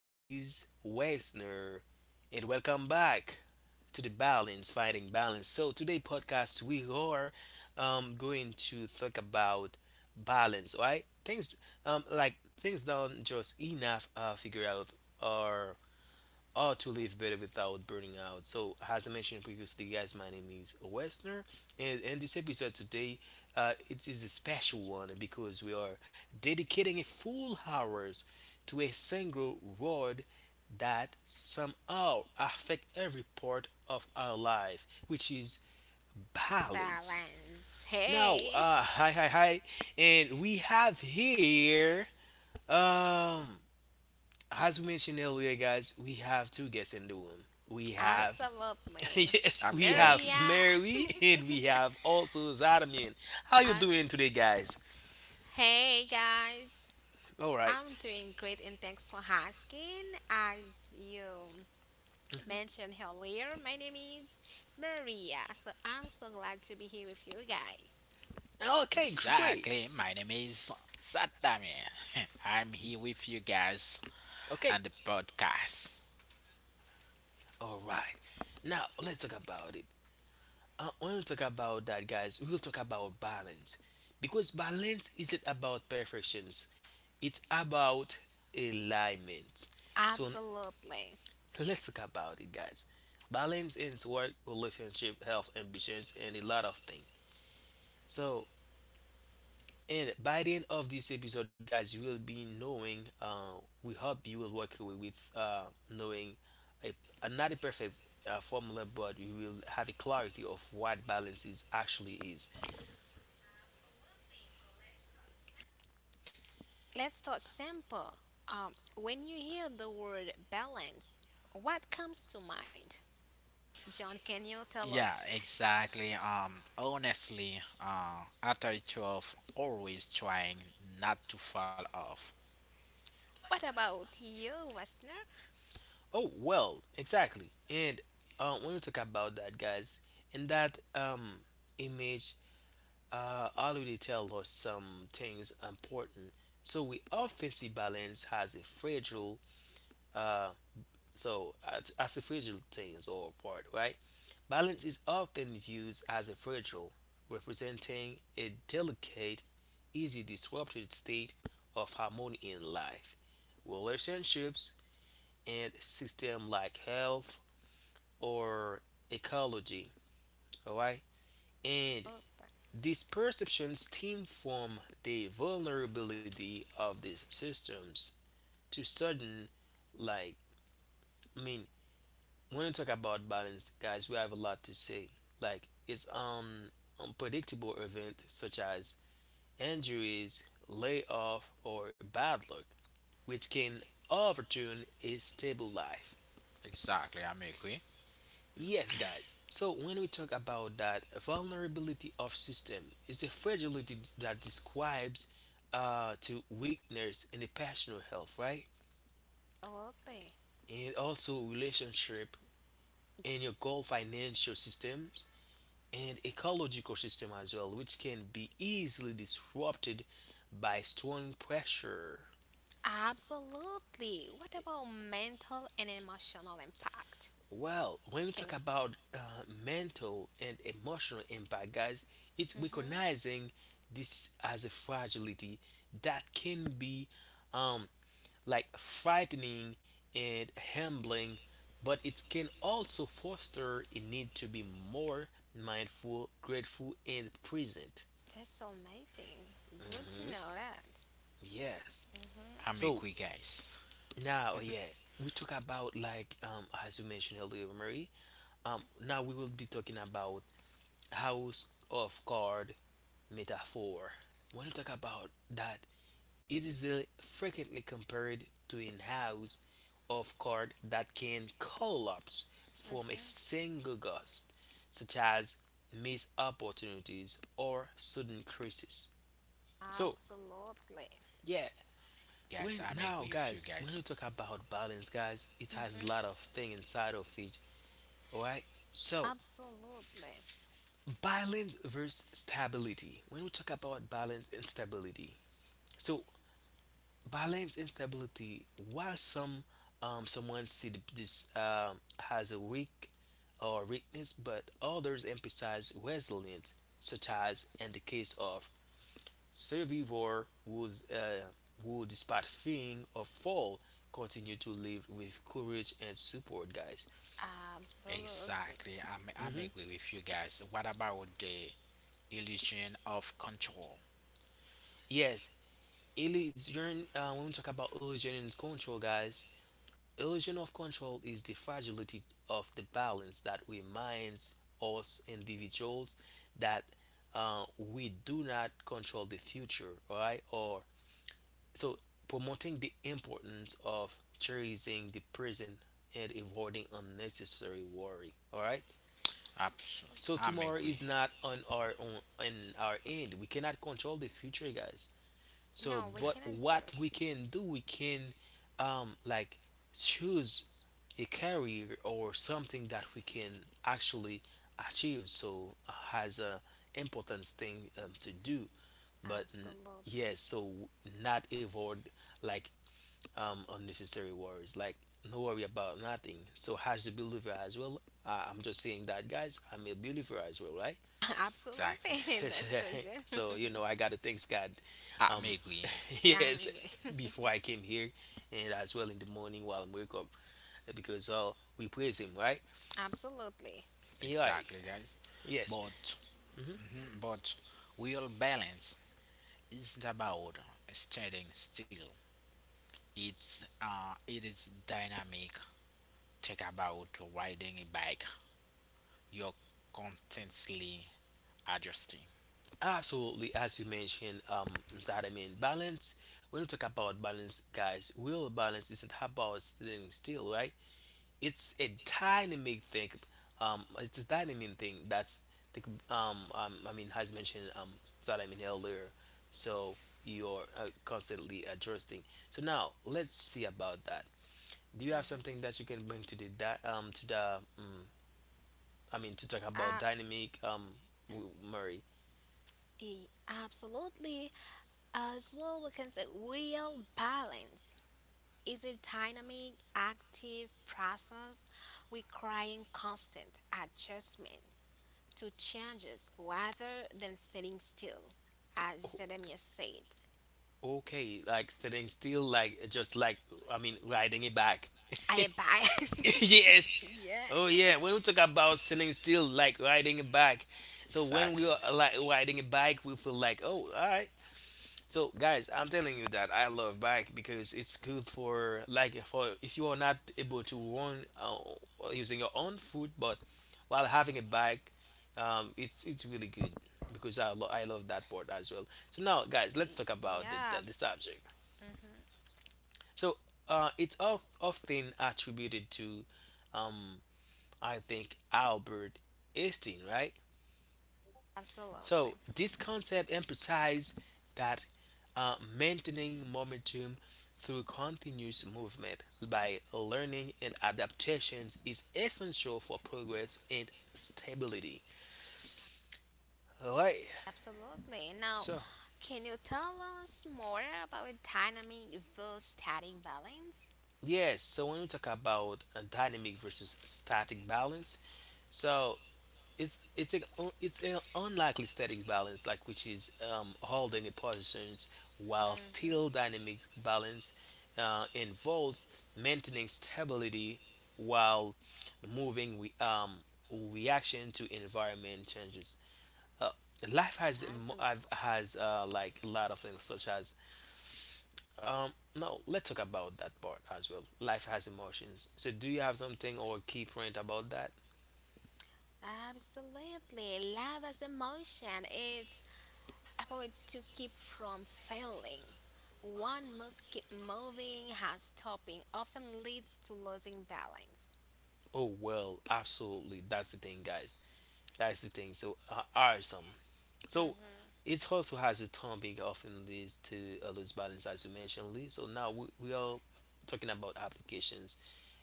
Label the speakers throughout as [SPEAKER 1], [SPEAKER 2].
[SPEAKER 1] is Wesner, and welcome back to the Balance Fighting Balance. So today podcast we are going to talk about balance, right? Things like things don't just enough figure out or or to live better without burning out. So, as I mentioned previously, guys, my name is Westner, and in this episode today, it is a special one because we are dedicating a full hours to a single word that somehow affect every part of our life, which is balance.
[SPEAKER 2] Babs.
[SPEAKER 1] Now,
[SPEAKER 2] Hey,
[SPEAKER 1] hi, and we have here, um, as we mentioned earlier, guys, we have two guests in the room. We have
[SPEAKER 3] Exactly.
[SPEAKER 2] absolutely.
[SPEAKER 1] yes, we have
[SPEAKER 3] Absolutely.
[SPEAKER 2] Maria,
[SPEAKER 1] Mary and we have also Zadamin. How you
[SPEAKER 2] and
[SPEAKER 1] doing today, guys?
[SPEAKER 2] hey guys.
[SPEAKER 1] All right.
[SPEAKER 2] I'm doing great and thanks for asking. As you mentioned earlier, my name is Maria, so I'm so glad to be here with you guys.
[SPEAKER 1] Okay, great.
[SPEAKER 3] Exactly. My name is Sadami. I'm here with you guys
[SPEAKER 1] Okay.
[SPEAKER 3] on the podcast.
[SPEAKER 1] All right. Now let's talk about it. I want to talk about that, guys, we will talk about balance because balance isn't about perfections; it's about alignment. So
[SPEAKER 2] Absolutely.
[SPEAKER 1] let's talk about it, guys. Balance in work, relationship, health, ambitions, and a lot of things. So And by the end of this episode, guys, you will be knowing. We hope you will walk away with knowing a, a not a perfect formula, but you will have a clarity of what balance is actually is.
[SPEAKER 2] Let's start simple. When you hear the word balance, what comes to mind? John, can you tell us?
[SPEAKER 3] Yeah, exactly. Honestly, at a 12, always trying not to fall off.
[SPEAKER 2] What about you, Westner?
[SPEAKER 1] Oh well, exactly. And when we talk about that, guys, in that image, already tell us some things important. So we often see balance has a fragile. As a fragile things or part, right? Balance is often viewed as a fragile, representing a delicate, easy disrupted state of harmony in life, relationships, and system like health or ecology, all right? And these perceptions stem from the vulnerability of these systems to sudden, like, I mean, when you talk about balance, guys, we have a lot to say, like it's unpredictable event such as injuries, layoff, or bad luck, which can overturn a stable life.
[SPEAKER 3] Exactly. I'm agree.
[SPEAKER 1] Yes, guys, so when we talk about that, a vulnerability of system is a fragility that describes to weakness in the personal health, right?
[SPEAKER 2] Absolutely.
[SPEAKER 1] And also relationship in your goal, financial systems, and ecological system as well, which can be easily disrupted by strong pressure.
[SPEAKER 2] Absolutely. What about mental and emotional impact?
[SPEAKER 1] Well, when we
[SPEAKER 2] Can you?
[SPEAKER 1] talk about mental and emotional impact, guys, it's
[SPEAKER 2] Hmm.
[SPEAKER 1] recognizing this as a fragility that can be um, like frightening and humbling, but it can also foster a need to be more mindful, grateful, and present.
[SPEAKER 2] That's so amazing. Good to
[SPEAKER 3] Ex-
[SPEAKER 2] know that.
[SPEAKER 1] Yes.
[SPEAKER 3] I'm
[SPEAKER 2] Hmm.
[SPEAKER 3] agree,
[SPEAKER 1] So,
[SPEAKER 3] guys.
[SPEAKER 1] now, yeah, we talk about like as you mentioned earlier, Marie. Now we will be talking about house of card metaphor. When you talk about that, it is frequently compared to a house of card that can collapse from a
[SPEAKER 2] Hmm.
[SPEAKER 1] single gust, such as missed opportunities or sudden crisis. So,
[SPEAKER 2] Absolutely.
[SPEAKER 1] yeah,
[SPEAKER 3] Guys,
[SPEAKER 1] when
[SPEAKER 3] I'm agree
[SPEAKER 1] now
[SPEAKER 3] with you
[SPEAKER 1] guys when
[SPEAKER 3] guys.
[SPEAKER 1] we talk about balance, guys, it has a lot
[SPEAKER 2] Hmm.
[SPEAKER 1] of thing inside of it, all right? So
[SPEAKER 2] Absolutely.
[SPEAKER 1] balance versus stability. When we talk about balance and stability, so balance and stability while someone see this has a weak or weakness, but others emphasize resilience such as in the case of survivors would, who, despite fearing a fall, continue to live with courage and support, guys.
[SPEAKER 2] Absolutely.
[SPEAKER 3] Exactly. I'm
[SPEAKER 1] Hmm
[SPEAKER 3] agree with you guys. What about the illusion of control?
[SPEAKER 1] Yes, illusion. When we talk about illusion and control, guys, illusion of control is the fragility of the balance that reminds us individuals that we do not control the future, all right? Or so, promoting the importance of cherishing the present and avoiding unnecessary worry. All right.
[SPEAKER 3] Abs-
[SPEAKER 1] So
[SPEAKER 3] I'm
[SPEAKER 1] tomorrow is
[SPEAKER 3] agree.
[SPEAKER 1] not on our own, on our end. We cannot control the future, guys. So,
[SPEAKER 2] No, we
[SPEAKER 1] but
[SPEAKER 2] cannot do
[SPEAKER 1] what
[SPEAKER 2] it.
[SPEAKER 1] we can do, we can like choose a career or something that we can actually achieve. So has a important thing to do, but mm,
[SPEAKER 2] Absolutely.
[SPEAKER 1] yes, so not avoid like unnecessary worries. Like no worry about nothing. So as a believer as well, I'm just saying that, guys. I'm a believer as well, right?
[SPEAKER 3] Exactly.
[SPEAKER 2] Absolutely. That's so good.
[SPEAKER 1] So you know, I gotta thanks God.
[SPEAKER 3] I'm
[SPEAKER 1] Um,
[SPEAKER 3] agree.
[SPEAKER 2] Yeah, I
[SPEAKER 1] yes,
[SPEAKER 2] agree.
[SPEAKER 1] before I came here, and as well in the morning while I'm wake up, because we praise Him, right?
[SPEAKER 2] Absolutely.
[SPEAKER 1] Yeah,
[SPEAKER 3] Exactly, guys.
[SPEAKER 1] yes.
[SPEAKER 3] But
[SPEAKER 1] hmm
[SPEAKER 3] mhm, but real balance isn't about standing still. It is dynamic. Think about riding a bike. You're constantly adjusting.
[SPEAKER 1] Absolutely, as you mentioned, Zad, I mean balance. When we talk about balance, guys, real balance isn't about staying still, right? It's a dynamic thing, it's a dynamic thing that's the I mean has mentioned that I mean earlier. So you're constantly adjusting. So now let's see about that. Do you have
[SPEAKER 2] Hmm.
[SPEAKER 1] something that you can bring to the to the I mean to talk
[SPEAKER 2] Uh,
[SPEAKER 1] about dynamic, murray?
[SPEAKER 2] Absolutely. As well, we can say real balance is a dynamic, active process requiring constant adjustment to changes rather than standing still, as
[SPEAKER 1] Okay,
[SPEAKER 2] Jeremiah said.
[SPEAKER 1] okay, like sitting still, like just like I mean riding it back.
[SPEAKER 2] I abide.
[SPEAKER 1] Yes.
[SPEAKER 2] Yeah.
[SPEAKER 1] Oh yeah. When we talk about sitting still, like riding a bike. So when we
[SPEAKER 3] Exactly.
[SPEAKER 1] are like riding a bike, we feel like, oh, all right. So guys, I'm telling you that I love bike because it's good for like for if you are not able to run using your own foot, but while having a bike, it's really good because I love that part as well. So now, guys, let's talk
[SPEAKER 2] Yeah.
[SPEAKER 1] about the subject.
[SPEAKER 2] Hmm.
[SPEAKER 1] So it's often attributed to I think Albert Einstein, right?
[SPEAKER 2] Absolutely.
[SPEAKER 1] So this concept emphasizes that maintaining momentum through continuous movement by learning and adaptations is essential for progress and stability. Alright,
[SPEAKER 2] Absolutely. Now,
[SPEAKER 1] so
[SPEAKER 2] can you tell us more about dynamic versus static balance?
[SPEAKER 1] yes, so when we talk about a dynamic versus static balance, so it's a it's an unlikely static balance like which is holding a position while still
[SPEAKER 2] Mm-hmm.
[SPEAKER 1] dynamic balance involves maintaining stability while moving reaction to environment changes. Life has
[SPEAKER 2] That's important.
[SPEAKER 1] has like a lot of things such as um, no let's talk about that part as well. Life has emotions, so do you have something or key point about that?
[SPEAKER 2] Absolutely. Love as emotion. It's about to keep from failing. One must keep moving, has stopping often leads to losing balance.
[SPEAKER 1] Oh well, absolutely. That's the thing, guys. That's the thing. So awesome. So
[SPEAKER 2] Mm-hmm.
[SPEAKER 1] it also has a term being often leads to a loose balance, as you mentioned, Lee. So now we are talking about applications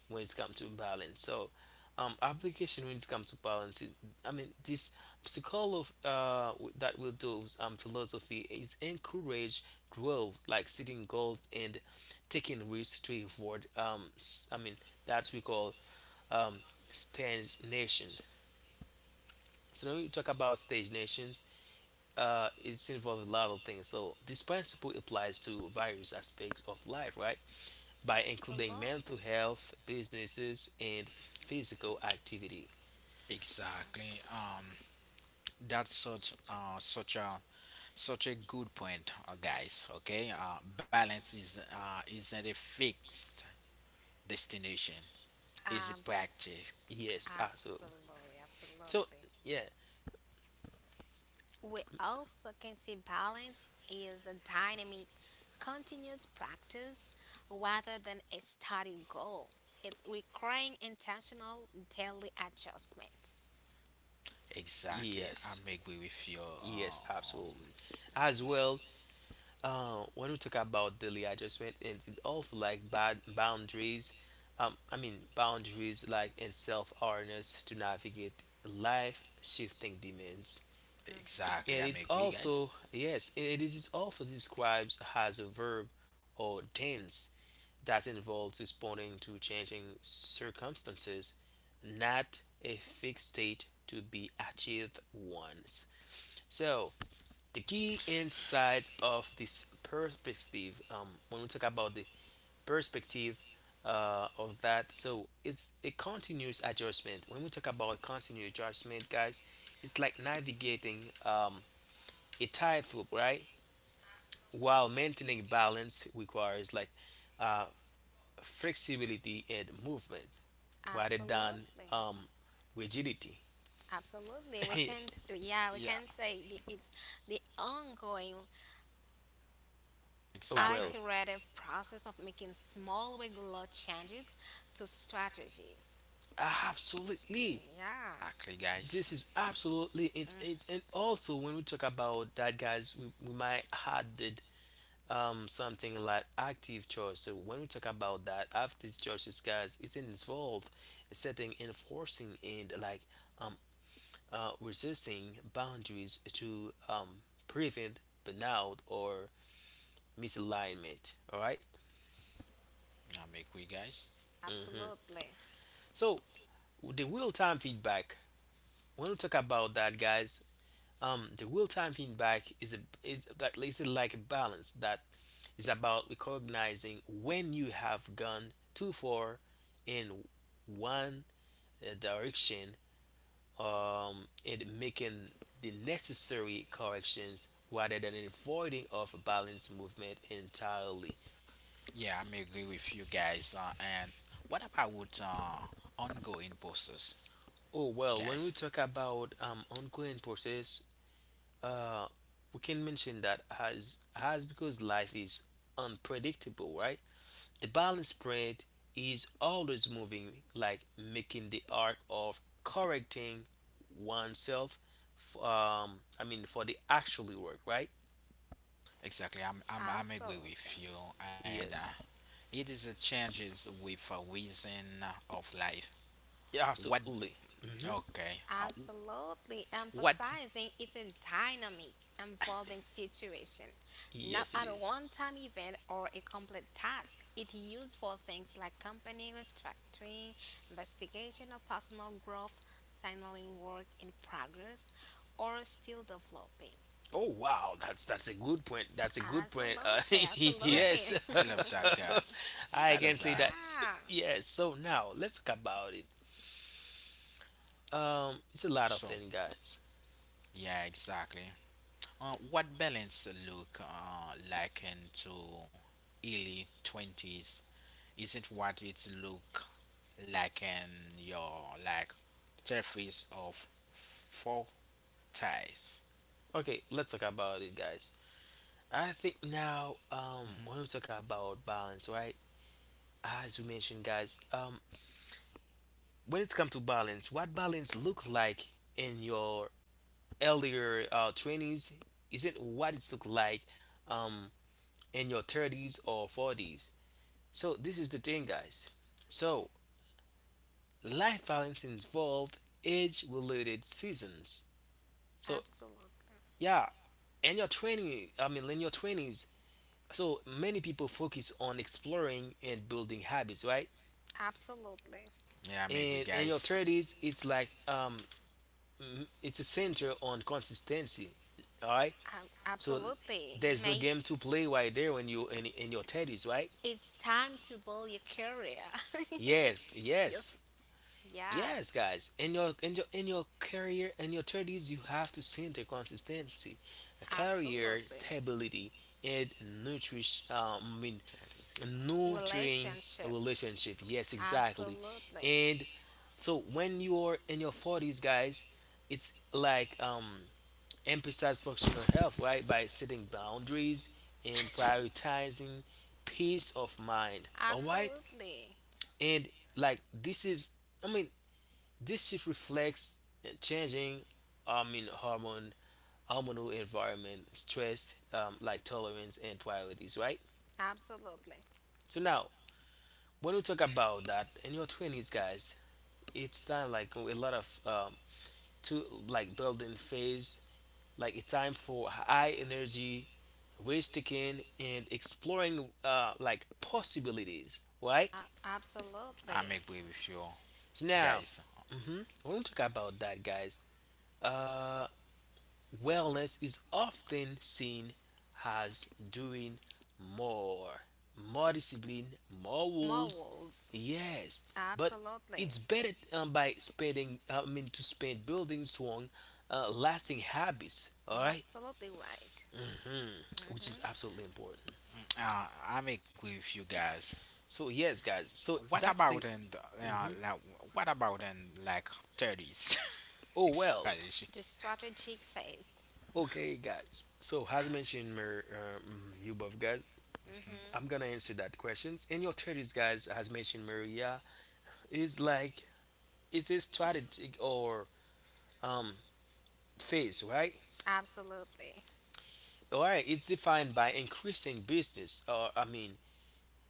[SPEAKER 1] when it's come to balance. So application when it's come to balance, is, I mean, this psychology that will do philosophy is encourage growth, like setting goals and taking risks to avoid I mean, that we call um, stagnation. So when we talk about stage nations, it's involved a lot of things. So this principle applies to various aspects of life, right? By including
[SPEAKER 2] Absolutely.
[SPEAKER 1] mental health, businesses, and physical activity.
[SPEAKER 2] Abs-
[SPEAKER 3] Exactly. That's such a good point, guys. Okay. Balance is isn't a fixed destination. It's a
[SPEAKER 2] abs-
[SPEAKER 3] practice.
[SPEAKER 1] Yes, absolutely.
[SPEAKER 2] Absolutely.
[SPEAKER 1] So
[SPEAKER 2] Absolutely.
[SPEAKER 1] yeah,
[SPEAKER 2] We also can see balance is a dynamic, continuous practice rather than a static goal. It's requiring intentional daily adjustment.
[SPEAKER 3] Exactly.
[SPEAKER 1] yes,
[SPEAKER 3] I'm agree with you.
[SPEAKER 1] yes,
[SPEAKER 3] Um,
[SPEAKER 1] absolutely. As well, when we talk about daily adjustment, and it also like bad boundaries. I mean boundaries like and self awareness to navigate life shifting demands.
[SPEAKER 3] exactly.
[SPEAKER 2] Hmm.
[SPEAKER 1] It
[SPEAKER 3] I'm
[SPEAKER 1] is
[SPEAKER 3] agree, guys.
[SPEAKER 1] also, yes, it is also described as a verb or tense that involves responding to changing circumstances, not a fixed state to be achieved once. So, the key insights of this perspective, when we talk about the perspective of that, so it's a continuous adjustment. When we talk about continuous adjustment, guys, it's like navigating a tight loop, right? While maintaining balance requires like flexibility and movement rather than
[SPEAKER 2] Absolutely.
[SPEAKER 1] rigidity.
[SPEAKER 2] Absolutely. We
[SPEAKER 3] I,
[SPEAKER 2] can yeah, we
[SPEAKER 3] yeah.
[SPEAKER 2] can say it's the ongoing
[SPEAKER 1] Oh,
[SPEAKER 3] Exactly.
[SPEAKER 1] well,
[SPEAKER 2] iterative process of making small regular changes to strategies.
[SPEAKER 1] absolutely.
[SPEAKER 2] Yeah.
[SPEAKER 3] Exactly, guys.
[SPEAKER 1] This is absolutely it's it,
[SPEAKER 2] Mm,
[SPEAKER 1] and also when we talk about that, guys, we might added something like active choice. So when we talk about that, active choices, guys, it's involved setting, enforcing, and like um resisting boundaries to prevent burnout or misalignment. All right.
[SPEAKER 3] I'm agree, guys.
[SPEAKER 2] absolutely.
[SPEAKER 1] So the real time feedback. When we talk about that, guys, the real time feedback is a is like a balance that is about recognizing when you have gone too far in one direction, um, and making the necessary corrections rather than avoiding of balance movement entirely.
[SPEAKER 3] Yeah, I'm agree with you guys. And what about ongoing process,
[SPEAKER 1] Oh well, when we
[SPEAKER 3] guys?
[SPEAKER 1] talk about ongoing process, we can mention that as because life is unpredictable, right? The balance spread is always moving, like making the arc of correcting oneself. I mean, for the actually work, right?
[SPEAKER 3] Exactly. I'm agree with
[SPEAKER 2] Absolutely.
[SPEAKER 3] you. And
[SPEAKER 1] Yes,
[SPEAKER 3] it is a changes with a reason of life.
[SPEAKER 1] yeah,
[SPEAKER 3] What
[SPEAKER 1] absolutely.
[SPEAKER 3] Okay.
[SPEAKER 2] Absolutely,
[SPEAKER 3] What?
[SPEAKER 2] emphasizing it's a dynamic, evolving situation, not
[SPEAKER 1] Yes, it
[SPEAKER 2] at
[SPEAKER 1] is.
[SPEAKER 2] one time event or a complete task. It's used for things like company restructuring, investigation of personal growth, signaling work in progress, or still developing.
[SPEAKER 1] Oh wow, that's a good point. That's a good point.
[SPEAKER 2] Absolutely,
[SPEAKER 3] Yeah.
[SPEAKER 1] Yes,
[SPEAKER 2] absolutely.
[SPEAKER 3] I love that, guys. I
[SPEAKER 1] I
[SPEAKER 3] love
[SPEAKER 1] can say
[SPEAKER 3] that.
[SPEAKER 1] that.
[SPEAKER 2] Yeah,
[SPEAKER 1] Yes. So now let's talk about it. It's a lot of
[SPEAKER 3] So,
[SPEAKER 1] things, guys.
[SPEAKER 3] yeah, exactly. What balance look like into early 20s isn't what it look like in your like 30s of 40s.
[SPEAKER 1] Okay, let's talk about it, guys. I think now,
[SPEAKER 3] Mm-hmm.
[SPEAKER 1] when we talk about balance, right? As we mentioned, guys, when it comes to balance, what balance look like in your earlier 20s isn't what it's look like um in your 30s or 40s. So this is the thing, guys. So life balance involved age-related seasons. So
[SPEAKER 2] absolutely.
[SPEAKER 1] yeah, in your training, I mean in your 20s. So many people focus on exploring and building habits, right?
[SPEAKER 2] Absolutely.
[SPEAKER 3] Yeah, I'm agree,
[SPEAKER 1] And in your
[SPEAKER 3] guys.
[SPEAKER 1] 30s, it's like it's a center on consistency. All right. So
[SPEAKER 2] Absolutely.
[SPEAKER 1] there's no
[SPEAKER 2] May
[SPEAKER 1] game to play right there when you in your thirties, right?
[SPEAKER 2] it's time to build your career.
[SPEAKER 1] Yes,
[SPEAKER 2] Yes.
[SPEAKER 1] yes.
[SPEAKER 2] Yeah,
[SPEAKER 1] Yes, guys, in your career in your thirties, you have to center consistency, career
[SPEAKER 2] absolutely.
[SPEAKER 1] stability, and nutrish. Um, I mean,
[SPEAKER 3] 30s.
[SPEAKER 1] nurturing a
[SPEAKER 2] Relationships.
[SPEAKER 1] relationship. Yes, exactly.
[SPEAKER 2] Absolutely.
[SPEAKER 1] And so when you are in your forties, guys, it's like emphasize functional health, right? By setting boundaries and prioritizing peace of mind. All right,
[SPEAKER 2] Absolutely.
[SPEAKER 1] and like this is. I mean, this shift reflects changing, I mean, hormone hormonal environment, stress, like tolerance and priorities, right?
[SPEAKER 2] Absolutely.
[SPEAKER 1] So now, when we talk about that in your twenties, guys, it's time like a lot of to like building phase, like a time for high energy, risk taking, and exploring like possibilities, right?
[SPEAKER 2] A-
[SPEAKER 3] I'm
[SPEAKER 2] absolutely.
[SPEAKER 3] agree with you
[SPEAKER 1] So now,
[SPEAKER 3] guys.
[SPEAKER 1] when we talk about that, guys, uh, wellness is often seen as doing more, more discipline, more rules.
[SPEAKER 2] Morals.
[SPEAKER 1] Yes, but
[SPEAKER 2] Absolutely.
[SPEAKER 1] it's better by to spend building strong, lasting habits. All
[SPEAKER 2] You're
[SPEAKER 1] right,
[SPEAKER 2] absolutely right.
[SPEAKER 1] which is
[SPEAKER 2] Hmm.
[SPEAKER 1] absolutely important.
[SPEAKER 3] I'm agree with you guys.
[SPEAKER 1] So yes, guys. So
[SPEAKER 3] What
[SPEAKER 1] that's
[SPEAKER 3] about
[SPEAKER 1] thing.
[SPEAKER 3] in the, uh, like, what about in like 30s
[SPEAKER 1] Oh well.
[SPEAKER 3] strategy?
[SPEAKER 2] The strategic phase.
[SPEAKER 1] Okay, guys. So as mentioned, you both guys,
[SPEAKER 2] Hmm.
[SPEAKER 1] I'm gonna answer that questions. In your thirties, guys, as mentioned, Maria is a strategic or um, phase, right?
[SPEAKER 2] Absolutely.
[SPEAKER 1] All right, it's defined by increasing business, or I mean,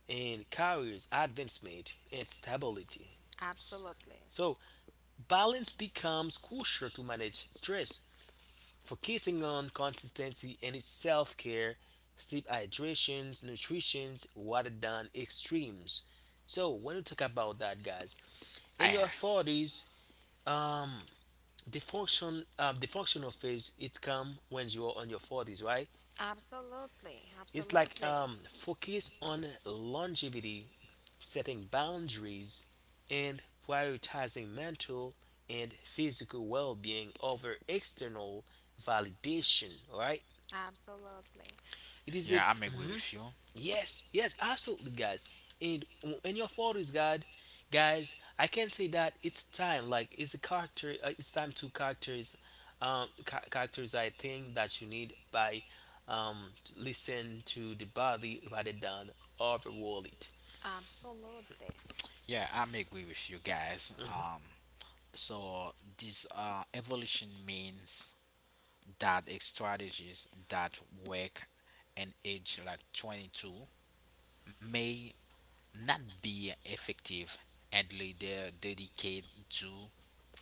[SPEAKER 1] in careers advancement and stability. S-
[SPEAKER 2] Absolutely.
[SPEAKER 1] So, balance becomes crucial to manage stress, focusing on consistency and its self care, sleep hydrations, nutritions, rather than extremes. So, when we talk about that, guys,
[SPEAKER 3] I,
[SPEAKER 1] in your 40s, um, the function the functional phase it come when you are on your 40s, right?
[SPEAKER 2] Absolutely,
[SPEAKER 1] It's like
[SPEAKER 2] absolutely,
[SPEAKER 1] focus on longevity, setting boundaries and prioritizing mental and physical well-being over external validation. All right,
[SPEAKER 2] absolutely, absolutely,
[SPEAKER 1] it is a
[SPEAKER 3] yeah, I'm agree with you.
[SPEAKER 1] yes, yes, absolutely, guys. And in your photos, God, guys, I can say that it's time. Like it's a character. It's time to characters, characters. I think that you need to listen to the body rather than overrule it.
[SPEAKER 2] absolutely,
[SPEAKER 3] Yeah, I'm agree with you guys. So this evolution means that strategies that work in age like 22 may not be effective and later dedicated to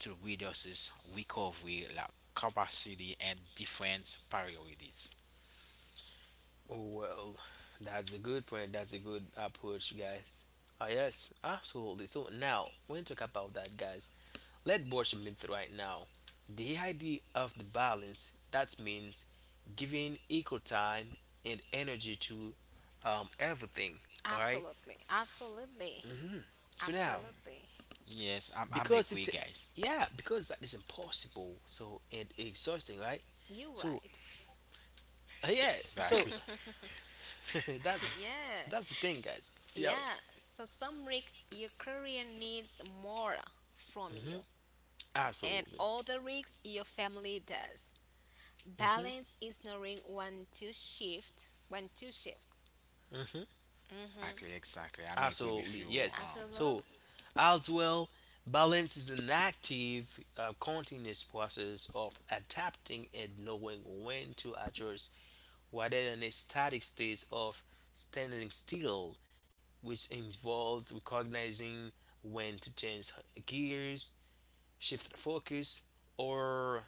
[SPEAKER 3] to reduces recovery like capacity and different priorities.
[SPEAKER 1] Oh, well, that's a good point. That's a good approach, guys. Ah, yes, absolutely. So now when we talk about that, guys, let Borscht myth right now. The idea of the balance that means giving equal time and energy to everything. All right.
[SPEAKER 2] absolutely, absolutely.
[SPEAKER 1] So now,
[SPEAKER 3] Yes, I'm
[SPEAKER 1] because
[SPEAKER 3] agree, guys.
[SPEAKER 1] that is impossible. So and exhausting, right?
[SPEAKER 2] You're
[SPEAKER 1] So
[SPEAKER 2] right.
[SPEAKER 1] uh, yeah. So
[SPEAKER 3] Exactly.
[SPEAKER 1] that's
[SPEAKER 2] Yeah,
[SPEAKER 1] that's the thing, guys.
[SPEAKER 3] Yo.
[SPEAKER 2] yeah. So some risks your career needs more from you, and
[SPEAKER 1] Absolutely.
[SPEAKER 2] other risks your family does. Balance is knowing when to shift.
[SPEAKER 3] Exactly,
[SPEAKER 2] Mm-hmm.
[SPEAKER 3] exactly. I'm agree with
[SPEAKER 1] Absolutely,
[SPEAKER 3] you.
[SPEAKER 1] yes. So,
[SPEAKER 2] Absolutely.
[SPEAKER 1] as well, balance is an active, continuous process of adapting and knowing when to adjust rather than a static state of standing still, which involves recognizing when to change gears, shift focus, or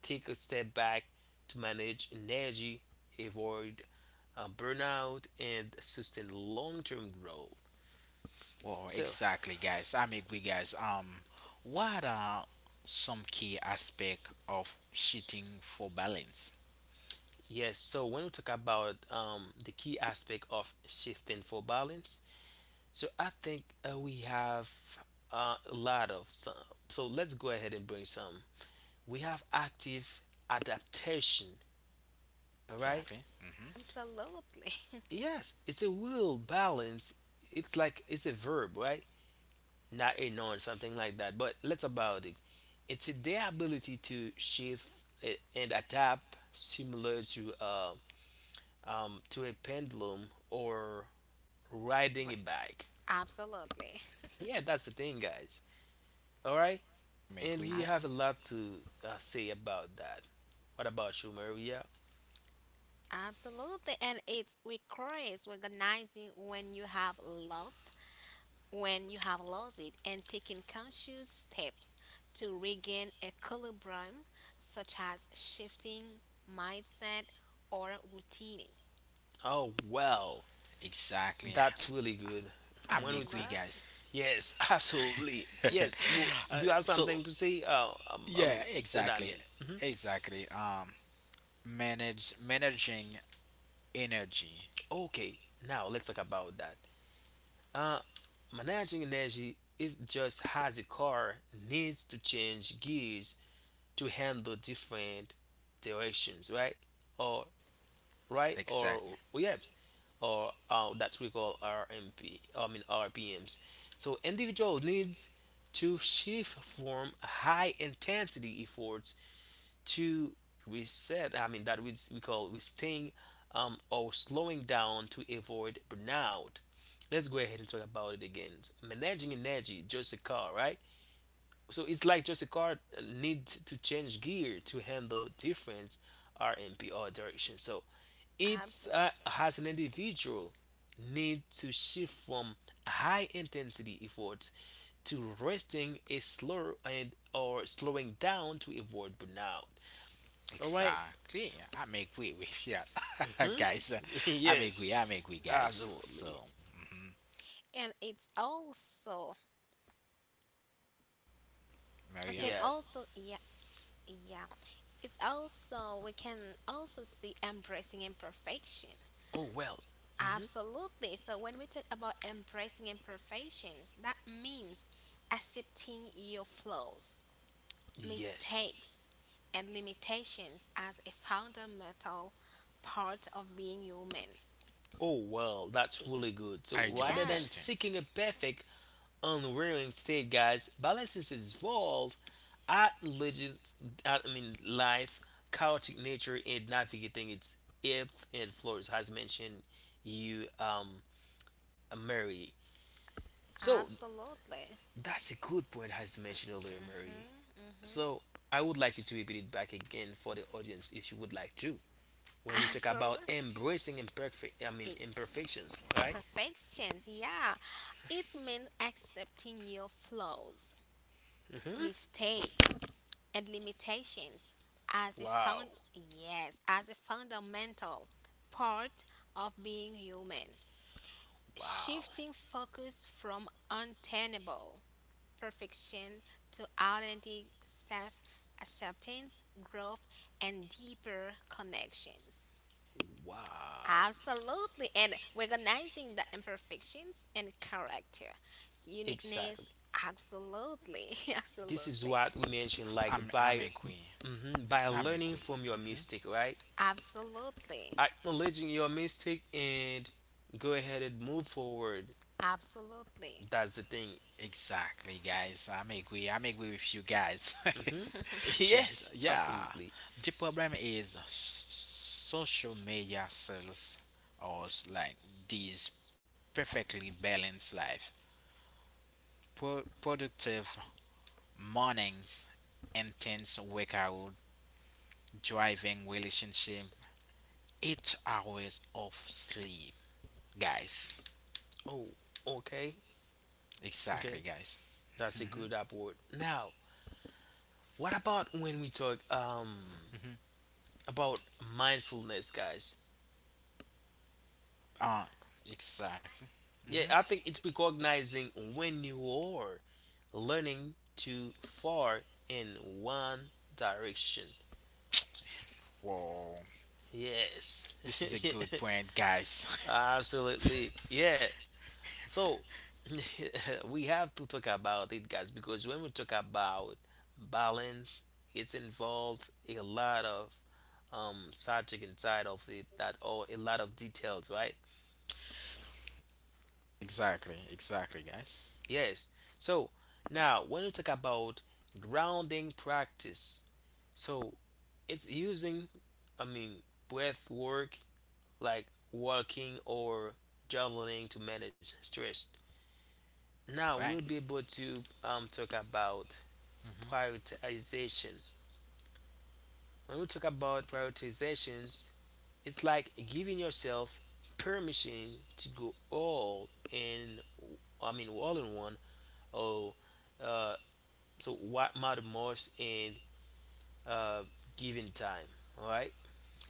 [SPEAKER 1] take a step back to manage energy, avoid burnout, and sustain long term growth.
[SPEAKER 3] Well,
[SPEAKER 1] So,
[SPEAKER 3] exactly, guys. I'm agree, guys. What are some key aspect of cheating for balance?
[SPEAKER 1] yes, so when we talk about the key aspect of shifting for balance, so I think we have a lot of some. So let's go ahead and bring some. We have active adaptation, all right?
[SPEAKER 3] Exactly. Mm-hmm.
[SPEAKER 2] Absolutely.
[SPEAKER 1] Yes, it's a will balance. It's like it's a verb, right? Not a noun, something like that. But let's about it. It's their ability to shift uh, and adapt, similar to a pendulum or
[SPEAKER 2] Right.
[SPEAKER 1] riding a bike.
[SPEAKER 2] Absolutely.
[SPEAKER 1] Yeah, that's the thing, guys. All right,
[SPEAKER 3] I'm
[SPEAKER 1] and we
[SPEAKER 3] agree,
[SPEAKER 2] Abs-
[SPEAKER 1] have a
[SPEAKER 3] guys.
[SPEAKER 1] lot to say about that. What about you, Maria?
[SPEAKER 2] Absolutely. And it requires recognizing when you have lost it, and taking conscious steps to regain equilibrium, such as shifting mindset or routines.
[SPEAKER 1] Oh, well,
[SPEAKER 3] Exactly.
[SPEAKER 1] that's really good.
[SPEAKER 3] I'm
[SPEAKER 1] When we, s-
[SPEAKER 3] agree, guys.
[SPEAKER 2] Absolutely.
[SPEAKER 1] yes, absolutely, yes. Well, do you have
[SPEAKER 3] So
[SPEAKER 1] something to say?
[SPEAKER 3] yeah, exactly,
[SPEAKER 1] Sadamin.
[SPEAKER 3] exactly. Manage managing energy.
[SPEAKER 1] Okay, now let's talk about that. Uh, managing energy is just how the car needs to change gears to handle different directions, right? Or right?
[SPEAKER 3] Exactly.
[SPEAKER 1] Or WEBs, or that we call RMP, I mean R P Ms So individual needs to shift from high intensity efforts to reset. I mean that we call resting or slowing down to avoid burnout. Let's go ahead and talk about it again. Managing energy, just a car, right? So it's like just a car need to change gear to handle different RMP or direction. So it's
[SPEAKER 2] Absolutely.
[SPEAKER 1] has an individual need to shift from high intensity effort to resting a slower and or slowing down to avoid burnout. All right?
[SPEAKER 3] Exactly. I'm agree with you, guys. I'm
[SPEAKER 1] Yes,
[SPEAKER 3] agree. I'm agree, guys.
[SPEAKER 1] absolutely.
[SPEAKER 3] So,
[SPEAKER 2] And it's also we
[SPEAKER 3] Maria,
[SPEAKER 2] can
[SPEAKER 1] Yes.
[SPEAKER 2] also yeah yeah it's also We can also see embracing imperfection,
[SPEAKER 1] Oh well.
[SPEAKER 2] absolutely. So when we talk about embracing imperfections, that means accepting your flaws,
[SPEAKER 1] Yes.
[SPEAKER 2] mistakes, and limitations as a fundamental part of being human.
[SPEAKER 1] Oh, well, that's
[SPEAKER 2] Y-
[SPEAKER 1] really good.
[SPEAKER 3] I
[SPEAKER 1] So
[SPEAKER 3] do
[SPEAKER 1] rather than
[SPEAKER 3] understand.
[SPEAKER 2] yes,
[SPEAKER 1] seeking a perfect, unwearing state, guys, balances is involved at life, chaotic nature, and navigating its ebbs and flows, as mentioned, you, um, Mary. So
[SPEAKER 2] absolutely.
[SPEAKER 1] that's a good point, as you mentioned earlier, Mary.
[SPEAKER 2] Hmm.
[SPEAKER 1] So I would like you to repeat it back again for the audience if you would like to. When you talk
[SPEAKER 2] Absolutely.
[SPEAKER 1] about embracing imperfections, right?
[SPEAKER 2] Imperfections, yeah. It means accepting your flaws,
[SPEAKER 1] hmm
[SPEAKER 2] mistakes, and limitations as a
[SPEAKER 1] Wow,
[SPEAKER 2] found yes, as a fundamental part of being human.
[SPEAKER 1] wow,
[SPEAKER 2] Shifting focus from untenable perfection to authentic self acceptance, growth, and deeper connections.
[SPEAKER 1] wow.
[SPEAKER 2] Absolutely, and recognizing the imperfections and character, uniqueness.
[SPEAKER 1] Exactly.
[SPEAKER 2] Absolutely,
[SPEAKER 1] This is
[SPEAKER 2] absolutely,
[SPEAKER 1] what we mentioned, like
[SPEAKER 3] I'm
[SPEAKER 1] by
[SPEAKER 3] agree.
[SPEAKER 1] mhm, by
[SPEAKER 3] I'm
[SPEAKER 1] learning
[SPEAKER 3] agree.
[SPEAKER 1] from your
[SPEAKER 3] hmm
[SPEAKER 1] mistake, right?
[SPEAKER 2] absolutely,
[SPEAKER 1] Acknowledging your mistake and go ahead and move forward.
[SPEAKER 2] absolutely,
[SPEAKER 1] That's the thing.
[SPEAKER 3] Exactly, guys. I'm agree. I'm agree with you guys.
[SPEAKER 1] hmm
[SPEAKER 3] So
[SPEAKER 1] Yes,
[SPEAKER 3] yeah,
[SPEAKER 1] absolutely.
[SPEAKER 3] the problem is social media sells us like these perfectly balanced life, productive mornings, intense workout, driving relationship, 8 hours of sleep, guys.
[SPEAKER 1] Oh, okay,
[SPEAKER 3] Exactly,
[SPEAKER 1] okay.
[SPEAKER 3] guys.
[SPEAKER 1] That's a good upward. Now, what about when we talk about mindfulness, guys?
[SPEAKER 3] Uh, exactly.
[SPEAKER 1] Yeah,
[SPEAKER 3] hmm
[SPEAKER 1] I think it's recognizing when you are learning too far in one direction.
[SPEAKER 3] Whoa,
[SPEAKER 1] Yes,
[SPEAKER 3] this is a good point, guys.
[SPEAKER 1] absolutely. Yeah. So we have to talk about it, guys, because when we talk about balance, it's involved a lot of subject inside of it that or a lot of details, right?
[SPEAKER 3] Exactly, exactly, guys.
[SPEAKER 1] Yes. So now when we talk about grounding practice, so it's using, I mean, breath work like walking or journaling to manage stress. Now we'll
[SPEAKER 3] Right?
[SPEAKER 1] be able to talk about
[SPEAKER 3] hmm
[SPEAKER 1] prioritization. When we talk about prioritizations, it's like giving yourself permission to go all in, all in one, or uh, so what matter most in uh, giving time. All right.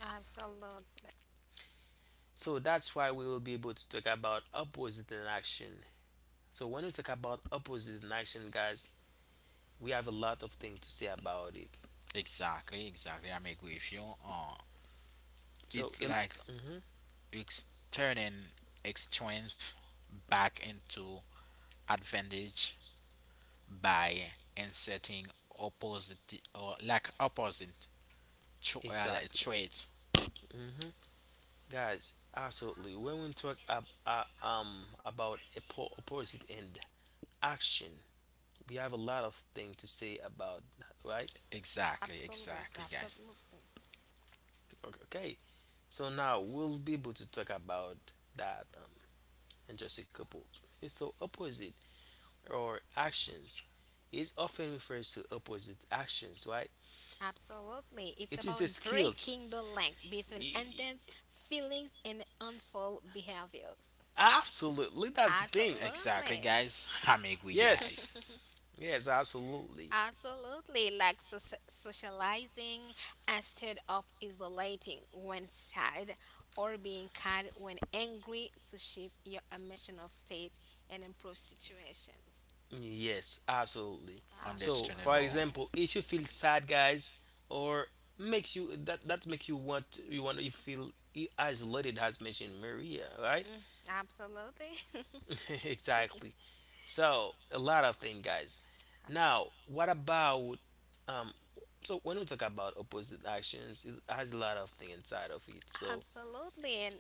[SPEAKER 2] absolutely,
[SPEAKER 1] So that's why we will be able to talk about opposite in action. So when we talk about opposite in action, guys, we have a lot of things to say about it.
[SPEAKER 3] Exactly, exactly. I'm agree with you.
[SPEAKER 1] So,
[SPEAKER 3] It's
[SPEAKER 1] it,
[SPEAKER 3] like
[SPEAKER 1] mhm,
[SPEAKER 3] it's turning its strength back into advantage by inserting opposite or like opposite like
[SPEAKER 1] exactly,
[SPEAKER 3] traits.
[SPEAKER 1] hmm guys, absolutely. When we talk about opposite and action, we have a lot of things to say about that, right?
[SPEAKER 3] Exactly,
[SPEAKER 2] absolutely,
[SPEAKER 3] exactly, guys.
[SPEAKER 2] absolutely,
[SPEAKER 1] Okay. Okay. So now we'll be able to talk about that in just a couple of minutes. So opposite or actions is often refers to opposite actions, right?
[SPEAKER 2] absolutely. It's
[SPEAKER 1] It is
[SPEAKER 2] about
[SPEAKER 1] the skills.
[SPEAKER 2] breaking the link between
[SPEAKER 1] Y- y-
[SPEAKER 2] intense feelings and unfold behaviors.
[SPEAKER 1] Absolutely, that's the thing.
[SPEAKER 3] Exactly,
[SPEAKER 2] Absolutely.
[SPEAKER 3] guys. I'm agree,
[SPEAKER 1] Yes,
[SPEAKER 3] guys.
[SPEAKER 1] yes, absolutely.
[SPEAKER 2] Absolutely, like socializing instead of isolating when sad or being kind when angry to shift your emotional state and improve situations.
[SPEAKER 1] Yes, absolutely. So, for
[SPEAKER 3] Understandable.
[SPEAKER 2] Absolutely.
[SPEAKER 1] example, if you feel sad, guys, or makes you that makes you want you feel isolated, as mentioned Maria, right?
[SPEAKER 2] Absolutely.
[SPEAKER 1] Exactly. So, a lot of things, guys. Now, what about um? So, when we talk about opposite actions, it has a lot of things inside of it. So,
[SPEAKER 2] Absolutely. And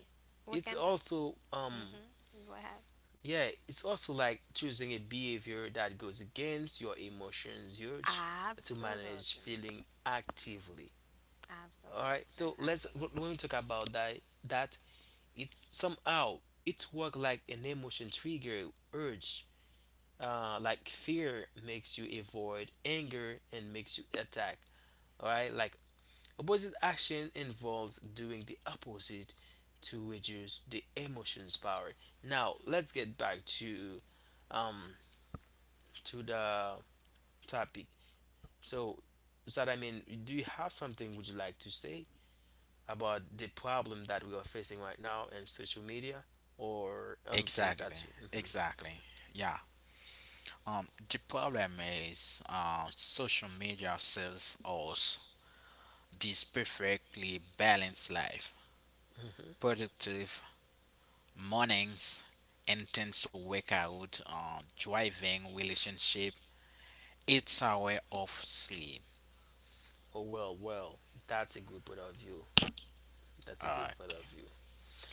[SPEAKER 2] we
[SPEAKER 1] it's
[SPEAKER 2] can.
[SPEAKER 1] also
[SPEAKER 2] Mm-hmm. Go ahead.
[SPEAKER 1] yeah, it's also like choosing a behavior that goes against your emotions urge to manage
[SPEAKER 2] Absolutely.
[SPEAKER 1] feeling actively. All right,
[SPEAKER 2] Absolutely.
[SPEAKER 1] so let's
[SPEAKER 2] Absolutely.
[SPEAKER 1] when we talk about that, that it's somehow it's work like an emotion trigger urge. Like fear makes you avoid, anger and makes you attack. All right, like opposite action involves doing the opposite to reduce the emotions power. Now let's get back to um the topic. So, so do you have something would you like to say about the problem that we are facing right now in social media or anything
[SPEAKER 3] Exactly,
[SPEAKER 1] that's mhm.
[SPEAKER 3] exactly. Yeah. The problem is, social media sells us this perfectly balanced life,
[SPEAKER 1] Mhm.
[SPEAKER 3] productive mornings, intense workout, driving relationship, it's a way of sleep.
[SPEAKER 1] Oh well, well, that's a good point of view. That's a
[SPEAKER 3] Uh,
[SPEAKER 1] good point of view.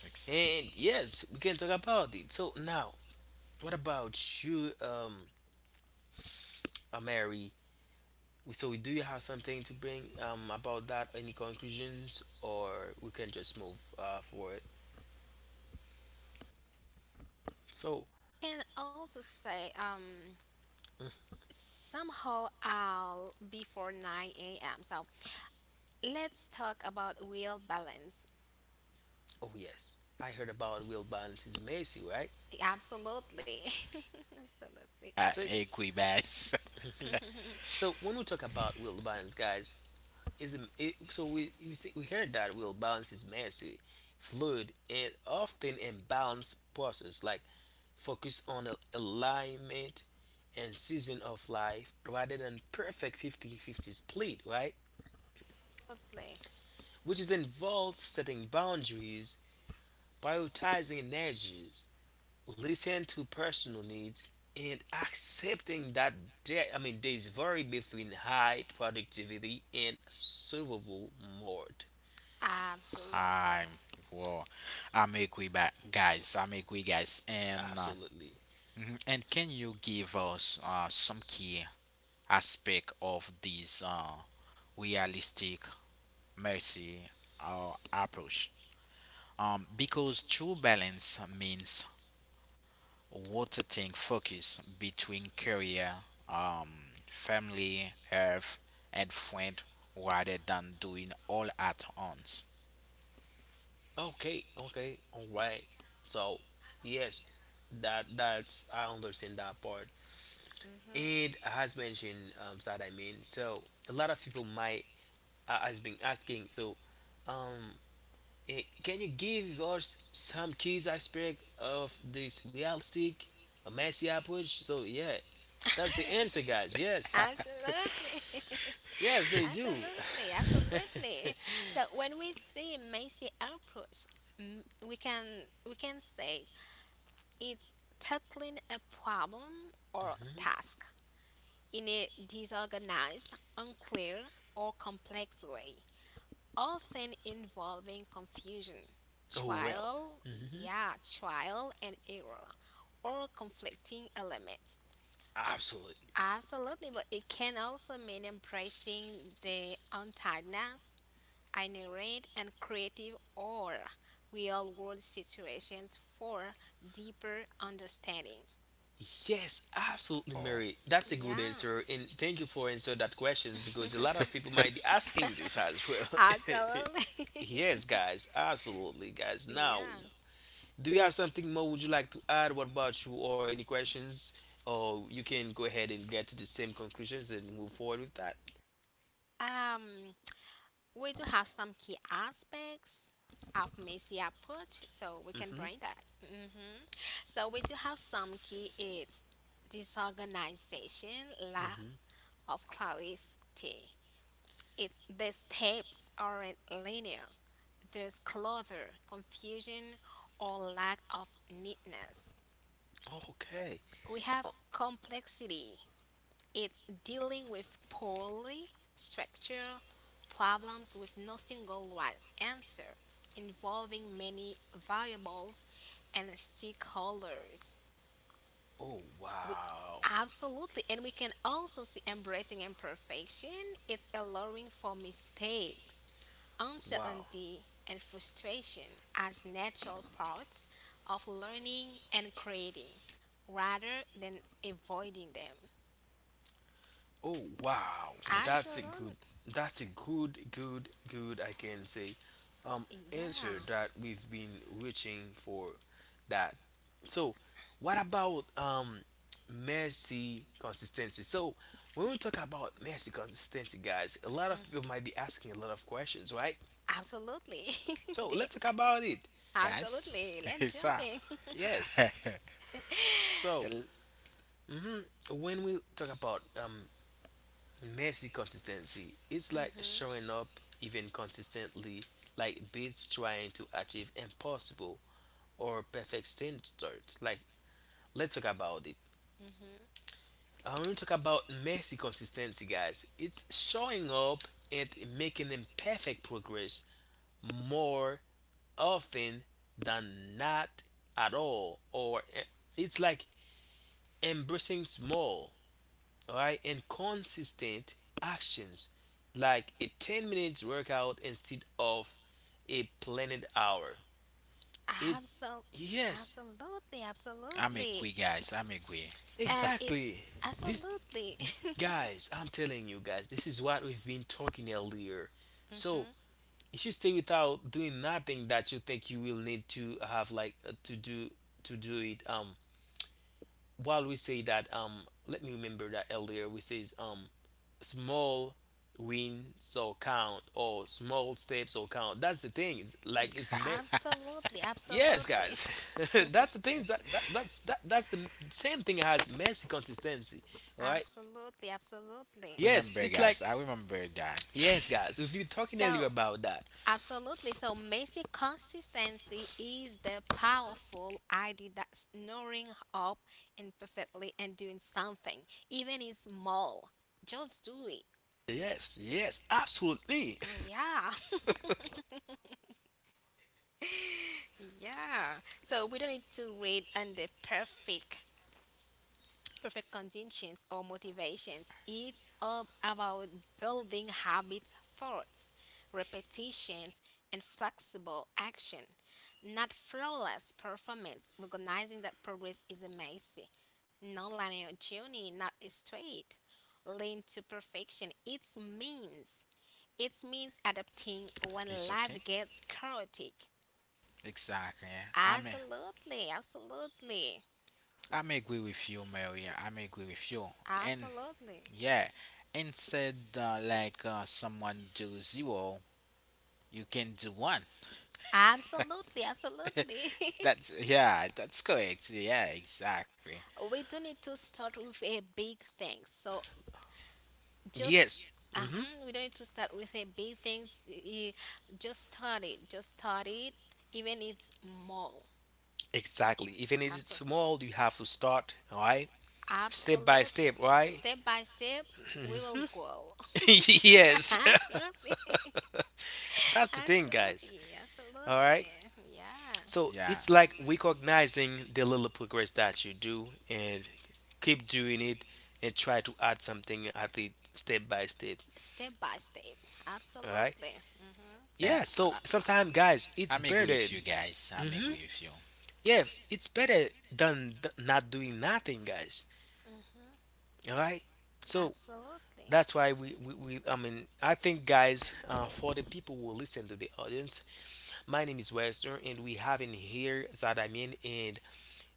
[SPEAKER 3] exa-
[SPEAKER 1] And yes, we can talk about it. So now, what about you, Mary? So do you have something to bring about that? Any conclusions, or we can just move forward? So
[SPEAKER 2] Can also say, somehow I'll before 9 a.m. So let's talk about wheel balance.
[SPEAKER 1] oh yes, I heard about wheel balance is messy, right?
[SPEAKER 2] Absolutely. Absolutely.
[SPEAKER 3] I'm
[SPEAKER 1] So,
[SPEAKER 3] Equibax.
[SPEAKER 1] so when we talk about wheel balance, guys, is it, so we, see, we heard that wheel balance is messy, fluid, and often imbalanced process. Like focus on alignment and season of life rather than perfect 50-50 split, right?
[SPEAKER 2] Absolutely.
[SPEAKER 1] Which is involves setting boundaries, prioritizing energies, listen to personal needs and accepting that there's vary between high productivity and survival mode.
[SPEAKER 2] Absolutely.
[SPEAKER 3] I'm well. I'm Equibax, guys. I'm Equi guys. And
[SPEAKER 1] Absolutely.
[SPEAKER 3] mhm. And can you give us some key aspect of this realistic mercy approach? Because true balance means What Water tank focus between career, um, family, health, and friend rather than doing all at once.
[SPEAKER 1] Okay, okay, all right, so yes, that that's I understand that part.
[SPEAKER 2] Mhm.
[SPEAKER 1] And as mentioned that I mean so a lot of people might has been asking, so um can you give us some keys aspect of this realistic, a messy approach? So yeah, that's the answer, guys. Yes,
[SPEAKER 2] Absolutely.
[SPEAKER 1] yes, they do.
[SPEAKER 2] Absolutely. Absolutely. So when we see Macy approach, we can say it's tackling a problem or task, in a disorganized, unclear, or complex way, often involving confusion,
[SPEAKER 1] Oh well,
[SPEAKER 2] trial,
[SPEAKER 1] hmm
[SPEAKER 2] yeah, trial and error, or conflicting elements.
[SPEAKER 1] absolutely.
[SPEAKER 2] Absolutely, but it can also mean embracing the untidiness, inherent, and creative or real world situations for deeper understanding.
[SPEAKER 1] Yes, absolutely, Mary. That's a good
[SPEAKER 2] Yeah,
[SPEAKER 1] answer, and thank you for answering that questions because a lot of people might be asking this as well.
[SPEAKER 2] absolutely.
[SPEAKER 1] Yes, guys, absolutely, guys. Now
[SPEAKER 2] Yeah.
[SPEAKER 1] do you have something more would you like to add? What about you, or any questions? Or you can go ahead and get to the same conclusions and move forward with that.
[SPEAKER 2] Um, we do have some key aspects of Messi approach, so we can
[SPEAKER 1] hmm
[SPEAKER 2] bring that. Hmm. So we do have some key it's disorganization, lack
[SPEAKER 1] hmm
[SPEAKER 2] of clarity. It's the steps aren't linear. There's clutter, confusion, or lack of neatness.
[SPEAKER 1] Okay.
[SPEAKER 2] We have complexity. It's dealing with poorly structured problems with no single right answer, involving many variables and stakeholders.
[SPEAKER 1] Oh
[SPEAKER 2] We
[SPEAKER 1] wow,
[SPEAKER 2] absolutely, and we can also see embracing imperfection. It's allowing for mistakes,
[SPEAKER 1] wow.
[SPEAKER 2] uncertainty, and frustration as natural parts of learning and creating rather than avoiding them.
[SPEAKER 1] Oh wow,
[SPEAKER 3] Ex-
[SPEAKER 1] that's a good,
[SPEAKER 2] Absolutely,
[SPEAKER 1] that's a good, I can say um answer
[SPEAKER 2] yeah.
[SPEAKER 1] that we've been reaching for that. So what about mercy consistency? So when we talk about mercy consistency, guys, a lot of people might be asking a lot of questions, right?
[SPEAKER 2] Absolutely.
[SPEAKER 1] So
[SPEAKER 2] They-
[SPEAKER 1] let's talk about it.
[SPEAKER 3] guys,
[SPEAKER 2] absolutely. Let's
[SPEAKER 3] it's
[SPEAKER 2] jump
[SPEAKER 3] uh,
[SPEAKER 2] in.
[SPEAKER 1] Yes. So
[SPEAKER 3] el-
[SPEAKER 1] hmm when we talk about messy consistency, it's like
[SPEAKER 2] Mhm.
[SPEAKER 1] showing up even consistently, like beats trying to achieve impossible or perfect standards. Like, let's talk about it.
[SPEAKER 2] Mhm.
[SPEAKER 1] I want to talk about messy consistency, guys. It's showing up and making imperfect progress more often than not at all. It's like embracing small, all right, and consistent actions like a 10 minutes workout instead of a planned hour it.
[SPEAKER 2] Absol-
[SPEAKER 1] Yes,
[SPEAKER 2] Absolutely.
[SPEAKER 3] I'm agree,
[SPEAKER 2] Absolutely.
[SPEAKER 3] guys. I'm agree.
[SPEAKER 2] And it
[SPEAKER 1] exactly. This,
[SPEAKER 2] absolutely.
[SPEAKER 1] guys, I'm telling you guys, this is what we've been talking earlier. So
[SPEAKER 2] Mhm.
[SPEAKER 1] if you stay without doing nothing that you think you will need to have, like to do it. While we say that, let me remember that earlier we says, small wins or count, or small steps or count, that's the thing. It's
[SPEAKER 2] Y-
[SPEAKER 1] like it's
[SPEAKER 2] Absolutely.
[SPEAKER 1] yes,
[SPEAKER 2] Absolutely.
[SPEAKER 1] guys. That's the thing, that's the same thing as messy consistency, all right?
[SPEAKER 2] Absolutely. Absolutely.
[SPEAKER 1] Yes,
[SPEAKER 3] Remember,
[SPEAKER 1] it's like,
[SPEAKER 3] guys, I remember that.
[SPEAKER 1] yes, guys, we've been talking earlier
[SPEAKER 2] So,
[SPEAKER 1] about that.
[SPEAKER 2] absolutely. So, basic consistency is the powerful idea that snoring up imperfectly and doing something, even if small. Just do it.
[SPEAKER 1] Yes, yes, absolutely.
[SPEAKER 2] Yeah, yeah. So we don't need to read under perfect conditions or motivations. It's all about building habits, thoughts, repetitions, and flexible action. Not flawless performance, recognizing that progress is a messy, non-linear journey, not a straight lean to perfection. It means adapting when
[SPEAKER 3] It's
[SPEAKER 2] life
[SPEAKER 3] okay.
[SPEAKER 2] gets chaotic.
[SPEAKER 3] Exactly. Yeah. I'm,
[SPEAKER 2] Absolutely, absolutely,
[SPEAKER 3] I'm agree with you, Mary. I'm agree with you. And
[SPEAKER 2] absolutely,
[SPEAKER 3] yeah. Instead, like someone do zero, you can do one.
[SPEAKER 2] absolutely, absolutely.
[SPEAKER 3] That's yeah. That's correct. Yeah. Exactly.
[SPEAKER 2] We don't need to start with a big thing. So just
[SPEAKER 1] Yes. hmm
[SPEAKER 2] uh-huh, we don't need to start with a big things. Just start it. Just start it. Even it's small.
[SPEAKER 1] exactly, even if it's
[SPEAKER 2] Absolutely.
[SPEAKER 1] small, you have to start, all right? Step by
[SPEAKER 2] Absolutely.
[SPEAKER 1] step, right?
[SPEAKER 2] Step by step, we will grow.
[SPEAKER 1] Yes.
[SPEAKER 2] Absolutely.
[SPEAKER 1] That's the thing, guys.
[SPEAKER 2] Absolutely.
[SPEAKER 1] All right.
[SPEAKER 2] Absolutely. Yeah.
[SPEAKER 1] So
[SPEAKER 3] Yeah.
[SPEAKER 1] it's like recognizing the little progress that you do and keep doing it and try to add something at it step by step.
[SPEAKER 2] Step by step.
[SPEAKER 1] All right.
[SPEAKER 2] Absolutely. Hmm.
[SPEAKER 3] Yeah.
[SPEAKER 1] Yeah.
[SPEAKER 3] I,
[SPEAKER 1] So sometimes, guys, it's
[SPEAKER 3] I'm agree
[SPEAKER 1] better.
[SPEAKER 3] with you guys. I'm
[SPEAKER 1] Hmm.
[SPEAKER 3] agree with you.
[SPEAKER 1] Yeah, it's better than not doing nothing, guys.
[SPEAKER 2] Hmm.
[SPEAKER 1] All right. So
[SPEAKER 2] Absolutely.
[SPEAKER 1] that's why we I mean, I think, guys, for the people who listen to the audience, my name is Western, and we have in here Zadamin, and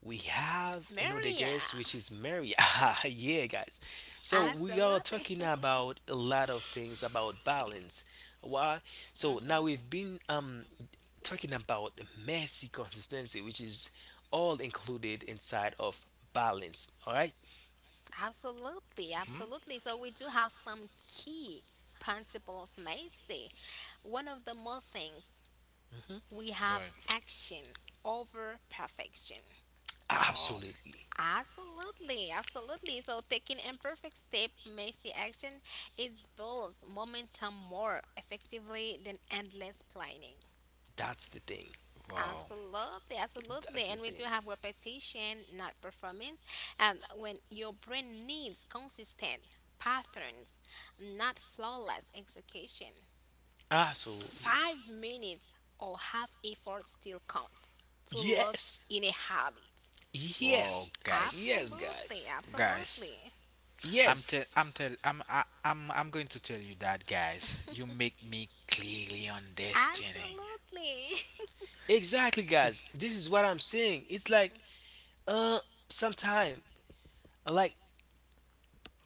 [SPEAKER 1] we have
[SPEAKER 2] Maria.
[SPEAKER 1] another guest which is Mary. Ah, yeah, guys. So we are
[SPEAKER 2] Absolutely.
[SPEAKER 1] talking about a lot of things about balance. Why? So
[SPEAKER 2] Hmm.
[SPEAKER 1] now we've been talking about messy consistency, which is all included inside of balance. All right?
[SPEAKER 2] Absolutely,
[SPEAKER 3] Hmm.
[SPEAKER 2] absolutely. So we do have some key principle of Macy. One of the more things
[SPEAKER 1] Mhm.
[SPEAKER 2] we have
[SPEAKER 3] But
[SPEAKER 2] action over perfection.
[SPEAKER 3] wow,
[SPEAKER 1] Absolutely.
[SPEAKER 2] Absolutely, absolutely. So taking imperfect step makes the action it builds momentum more effectively than endless planning.
[SPEAKER 1] That's the thing.
[SPEAKER 3] wow,
[SPEAKER 2] Absolutely, absolutely.
[SPEAKER 1] That's the
[SPEAKER 2] And we
[SPEAKER 1] thing.
[SPEAKER 2] do have repetition, not performance. And when your brain needs consistent patterns, not flawless execution,
[SPEAKER 1] Absolutely.
[SPEAKER 2] 5 minutes or half effort still counts to look
[SPEAKER 1] Yes.
[SPEAKER 2] in a habit.
[SPEAKER 3] wow,
[SPEAKER 1] Yes.
[SPEAKER 3] guys,
[SPEAKER 1] Yes,
[SPEAKER 2] Absolutely,
[SPEAKER 1] guys.
[SPEAKER 3] guys.
[SPEAKER 2] absolutely.
[SPEAKER 3] I'm
[SPEAKER 1] Yes.
[SPEAKER 3] tell. I'm tell. I'm. I, I'm. I'm going to tell you that, guys. You make me clearly understanding.
[SPEAKER 2] Absolutely.
[SPEAKER 1] Exactly, guys. This is what I'm saying. It's like Uh, sometime like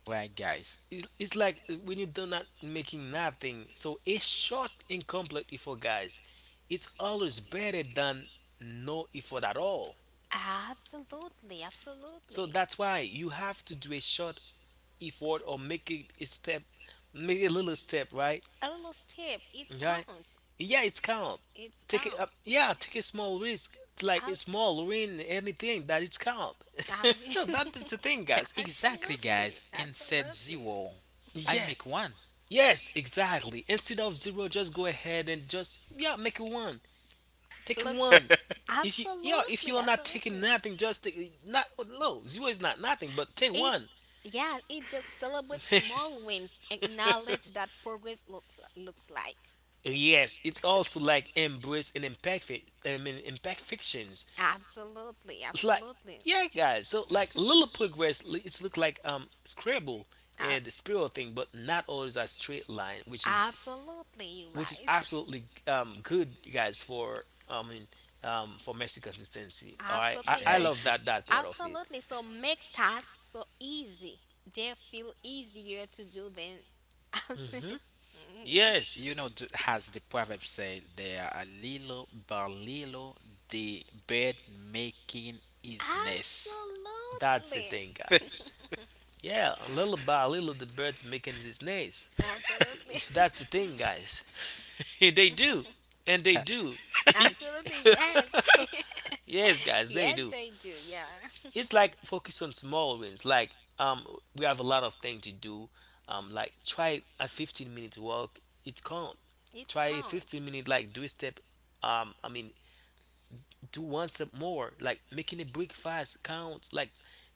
[SPEAKER 3] Right, guys.
[SPEAKER 1] it's like when you do not making nothing. So a short incomplete effort, guys, it's always better than no effort at all.
[SPEAKER 2] Absolutely.
[SPEAKER 1] So
[SPEAKER 2] Absolutely.
[SPEAKER 1] that's why you have to do a short effort or make it a step, make a little step, right?
[SPEAKER 2] A little step. It
[SPEAKER 1] Right?
[SPEAKER 2] counts.
[SPEAKER 1] Yeah,
[SPEAKER 2] It's,
[SPEAKER 1] it's count.
[SPEAKER 2] it
[SPEAKER 1] Take it up.
[SPEAKER 2] counts.
[SPEAKER 1] Yeah, take a small risk, like
[SPEAKER 2] I
[SPEAKER 1] a
[SPEAKER 2] was,
[SPEAKER 1] small win, anything that it's count.
[SPEAKER 2] I,
[SPEAKER 1] That is the thing, guys.
[SPEAKER 3] Exactly, guys.
[SPEAKER 2] absolutely.
[SPEAKER 3] Instead
[SPEAKER 2] Absolutely.
[SPEAKER 3] zero, I
[SPEAKER 1] Yeah,
[SPEAKER 3] make one.
[SPEAKER 1] yes, exactly. Instead of zero, just go ahead and just yeah, make it one. Take it
[SPEAKER 2] Look.
[SPEAKER 1] one. If you yeah, if you
[SPEAKER 2] Absolutely.
[SPEAKER 1] are not taking
[SPEAKER 2] Absolutely.
[SPEAKER 1] nothing, just take not no, zero is not nothing, but take
[SPEAKER 2] It,
[SPEAKER 1] one.
[SPEAKER 2] yeah, it just celebrates small wins. Acknowledge that looks like.
[SPEAKER 1] Yes, it's also like embrace and I mean, impact fictions.
[SPEAKER 2] Absolutely,
[SPEAKER 1] It's like
[SPEAKER 2] absolutely.
[SPEAKER 1] yeah, guys. So like little progress, it's look like Scrabble
[SPEAKER 2] A-
[SPEAKER 1] and the spiral thing, but not always a straight line,
[SPEAKER 2] Absolutely, you're
[SPEAKER 1] which is
[SPEAKER 2] right.
[SPEAKER 1] absolutely good, guys, for I mean for messy consistency. All right,
[SPEAKER 2] Absolutely.
[SPEAKER 3] Yeah,
[SPEAKER 1] I
[SPEAKER 2] So,
[SPEAKER 1] love that that part of it.
[SPEAKER 2] absolutely. So, make tasks so easy. They feel easier to do than. Absolutely.
[SPEAKER 1] Yes,
[SPEAKER 3] you know, as the proverb say, there are little by little, the bird making his nest.
[SPEAKER 1] that's the
[SPEAKER 2] Absolutely.
[SPEAKER 1] thing, guys. Yeah, little by little, the bird's making his nest.
[SPEAKER 2] Absolutely,
[SPEAKER 1] That's the thing, guys. They do, and they do.
[SPEAKER 2] absolutely, yes.
[SPEAKER 1] Yes, guys, they
[SPEAKER 2] Yes,
[SPEAKER 1] do.
[SPEAKER 2] they do. Yeah,
[SPEAKER 1] It's like focus on small wins, like we have a lot of things to do, like try a 15-minute walk, it can't.
[SPEAKER 2] it's
[SPEAKER 1] Try a
[SPEAKER 2] count.
[SPEAKER 1] 15 minute, like do a step, um i mean do one step more, like making a break fast counts, like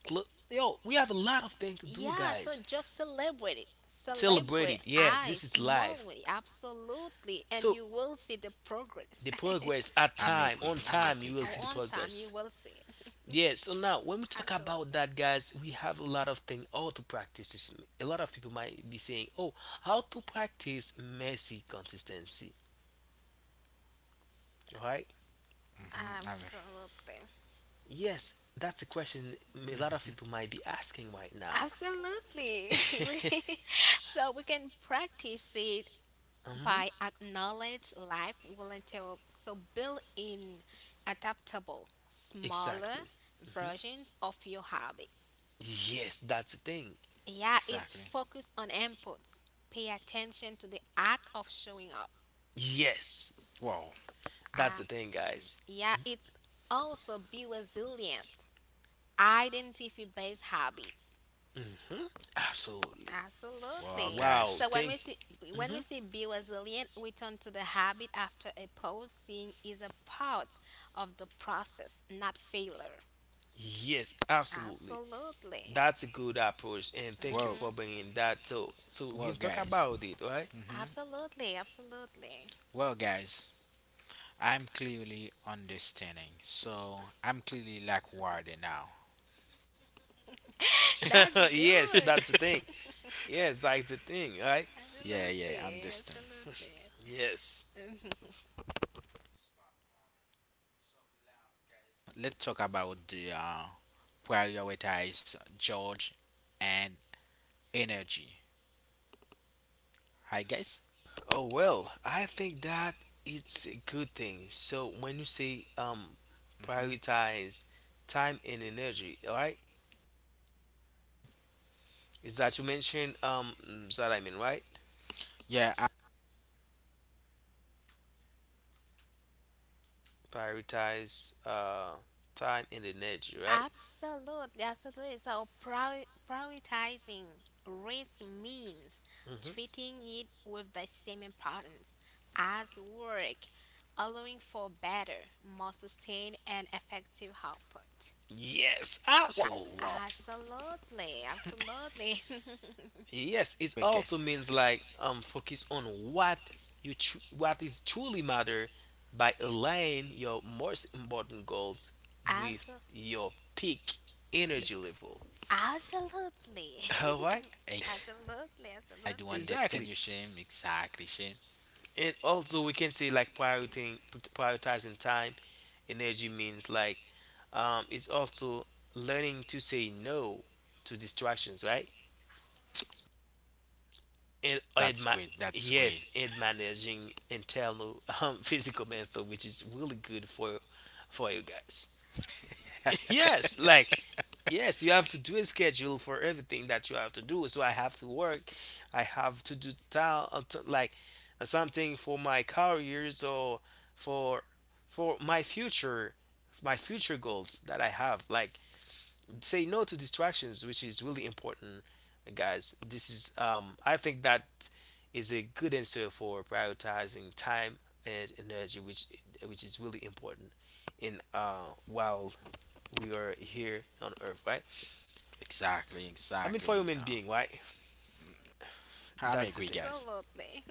[SPEAKER 1] cl- yo, we have a lot of things to do,
[SPEAKER 2] Yeah, so
[SPEAKER 1] guys.
[SPEAKER 2] just celebrate it.
[SPEAKER 1] Celebrate
[SPEAKER 2] Celebrate
[SPEAKER 1] it. Yes,
[SPEAKER 2] I
[SPEAKER 1] this is life.
[SPEAKER 2] smallly, absolutely, and
[SPEAKER 1] So
[SPEAKER 2] you will see the progress.
[SPEAKER 1] the progress at
[SPEAKER 3] I'm
[SPEAKER 1] time
[SPEAKER 3] agree.
[SPEAKER 1] on
[SPEAKER 3] I'm
[SPEAKER 2] At
[SPEAKER 1] time, you
[SPEAKER 3] agree,
[SPEAKER 1] will
[SPEAKER 2] our
[SPEAKER 1] see the
[SPEAKER 3] guys.
[SPEAKER 2] own time, you
[SPEAKER 1] progress.
[SPEAKER 2] will see it.
[SPEAKER 1] Yeah, so now when we talk about
[SPEAKER 2] Absolutely.
[SPEAKER 1] that, guys, we have a lot of things how to practice this. A lot of people might be saying, "Oh, how to practice messy consistency?" Right?
[SPEAKER 3] Mm-hmm.
[SPEAKER 2] Absolutely.
[SPEAKER 1] Yes, that's a question a lot
[SPEAKER 3] Mm-hmm.
[SPEAKER 1] of people might be asking right now.
[SPEAKER 2] Absolutely. We- so we can practice it by
[SPEAKER 1] Hmm.
[SPEAKER 2] acknowledge life will entail so build in adaptable smaller
[SPEAKER 1] Exactly.
[SPEAKER 2] versions of your habits,
[SPEAKER 1] Yes, that's the thing.
[SPEAKER 2] yeah, it's
[SPEAKER 3] Exactly.
[SPEAKER 2] focused on inputs, pay attention to the act of showing up.
[SPEAKER 1] Yes,
[SPEAKER 3] Whoa.
[SPEAKER 1] that's
[SPEAKER 2] uh,
[SPEAKER 1] the thing, guys.
[SPEAKER 2] yeah, it's also be resilient, identify based habits.
[SPEAKER 1] Absolutely.
[SPEAKER 3] Whoa,
[SPEAKER 2] Absolutely.
[SPEAKER 3] guys.
[SPEAKER 1] Wow.
[SPEAKER 2] So
[SPEAKER 1] Thank.
[SPEAKER 2] when we see be resilient, we turn to the habit after a pause, seeing is a part of the process, not failure.
[SPEAKER 1] Yes, absolutely.
[SPEAKER 2] Absolutely.
[SPEAKER 1] That's a good approach, and thank you
[SPEAKER 3] Whoa.
[SPEAKER 1] for
[SPEAKER 2] Hmm.
[SPEAKER 1] bringing that. So, so we
[SPEAKER 3] Whoa,
[SPEAKER 1] can talk
[SPEAKER 3] guys.
[SPEAKER 1] about it, right?
[SPEAKER 3] Mm-hmm.
[SPEAKER 2] Absolutely. Absolutely.
[SPEAKER 3] Well, guys, I'm clearly understanding. So I'm clearly like worried now.
[SPEAKER 2] That's
[SPEAKER 1] Yes,
[SPEAKER 2] good.
[SPEAKER 1] that's the thing. Yes, that's the thing, right?
[SPEAKER 3] Yeah, yeah,
[SPEAKER 2] Absolutely.
[SPEAKER 3] understand.
[SPEAKER 1] Yes.
[SPEAKER 2] Absolutely.
[SPEAKER 3] Let's talk about the prioritize George and energy. Hi guys.
[SPEAKER 1] Oh well, I think that it's a good thing. So when you say
[SPEAKER 3] hmm
[SPEAKER 1] prioritize time and energy, all right? Is that you mentioned that I mean, right?
[SPEAKER 3] Yeah.
[SPEAKER 1] Prioritize time and energy, right?
[SPEAKER 2] Absolutely, absolutely. So prioritizing risk means
[SPEAKER 1] Hmm.
[SPEAKER 2] treating it with the same importance as work, allowing for better, more sustained, and effective output.
[SPEAKER 1] Yes,
[SPEAKER 3] Wow.
[SPEAKER 2] A-
[SPEAKER 3] Wow.
[SPEAKER 1] absolutely.
[SPEAKER 2] absolutely, absolutely,
[SPEAKER 1] Yes, it
[SPEAKER 3] Wait,
[SPEAKER 1] also
[SPEAKER 3] guys.
[SPEAKER 1] means like focus on what you what is truly matter, by aligning your most important goals with
[SPEAKER 2] Absol-
[SPEAKER 1] your peak energy level.
[SPEAKER 2] absolutely, absolutely,
[SPEAKER 1] All right,
[SPEAKER 3] I I do
[SPEAKER 2] absolutely,
[SPEAKER 3] understand
[SPEAKER 1] exactly.
[SPEAKER 3] you, Shane. Exactly, Shane.
[SPEAKER 1] And also we can say like prioritizing time, energy means like it's also learning to say no to distractions, right? and, and
[SPEAKER 3] That's
[SPEAKER 1] ma-
[SPEAKER 3] great. That's great.
[SPEAKER 1] yes, and managing internal physical mental, which is really good for you guys. Yes, like yes, you have to do a schedule for everything that you have to do. So I have to work, I have to do like something for my careers or for for my future goals that I have. Like say no to distractions, which is really important, guys. This is I think that is a good answer for prioritizing time and energy, which is really important in while we are here on earth, right?
[SPEAKER 3] Exactly,
[SPEAKER 1] I mean,
[SPEAKER 3] exactly.
[SPEAKER 1] for human being, right?
[SPEAKER 3] I'm
[SPEAKER 1] That's the
[SPEAKER 3] agree,
[SPEAKER 1] thing.
[SPEAKER 3] guys.
[SPEAKER 2] absolutely,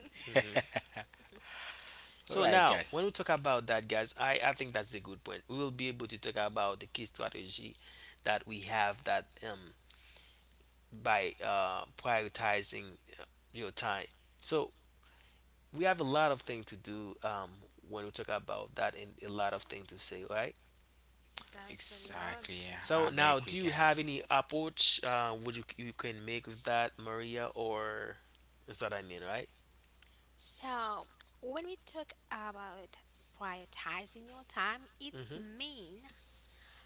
[SPEAKER 3] All
[SPEAKER 1] So
[SPEAKER 3] right,
[SPEAKER 1] now
[SPEAKER 3] guys.
[SPEAKER 1] when we talk about that, guys, I think that's a good point. We will be able to talk about the key strategy that we have, that by prioritizing uh, your time. So we have a lot of things to do, when we talk about that, and a lot of things to say, right?
[SPEAKER 3] Exactly,
[SPEAKER 2] absolutely.
[SPEAKER 1] So
[SPEAKER 3] I'm
[SPEAKER 1] now do
[SPEAKER 3] agree,
[SPEAKER 1] you have
[SPEAKER 3] guys.
[SPEAKER 1] any approach would you can make with that, Maria, or is that I mean, right?
[SPEAKER 2] So, when we talk about prioritizing your time, it's
[SPEAKER 1] Hmm.
[SPEAKER 2] mean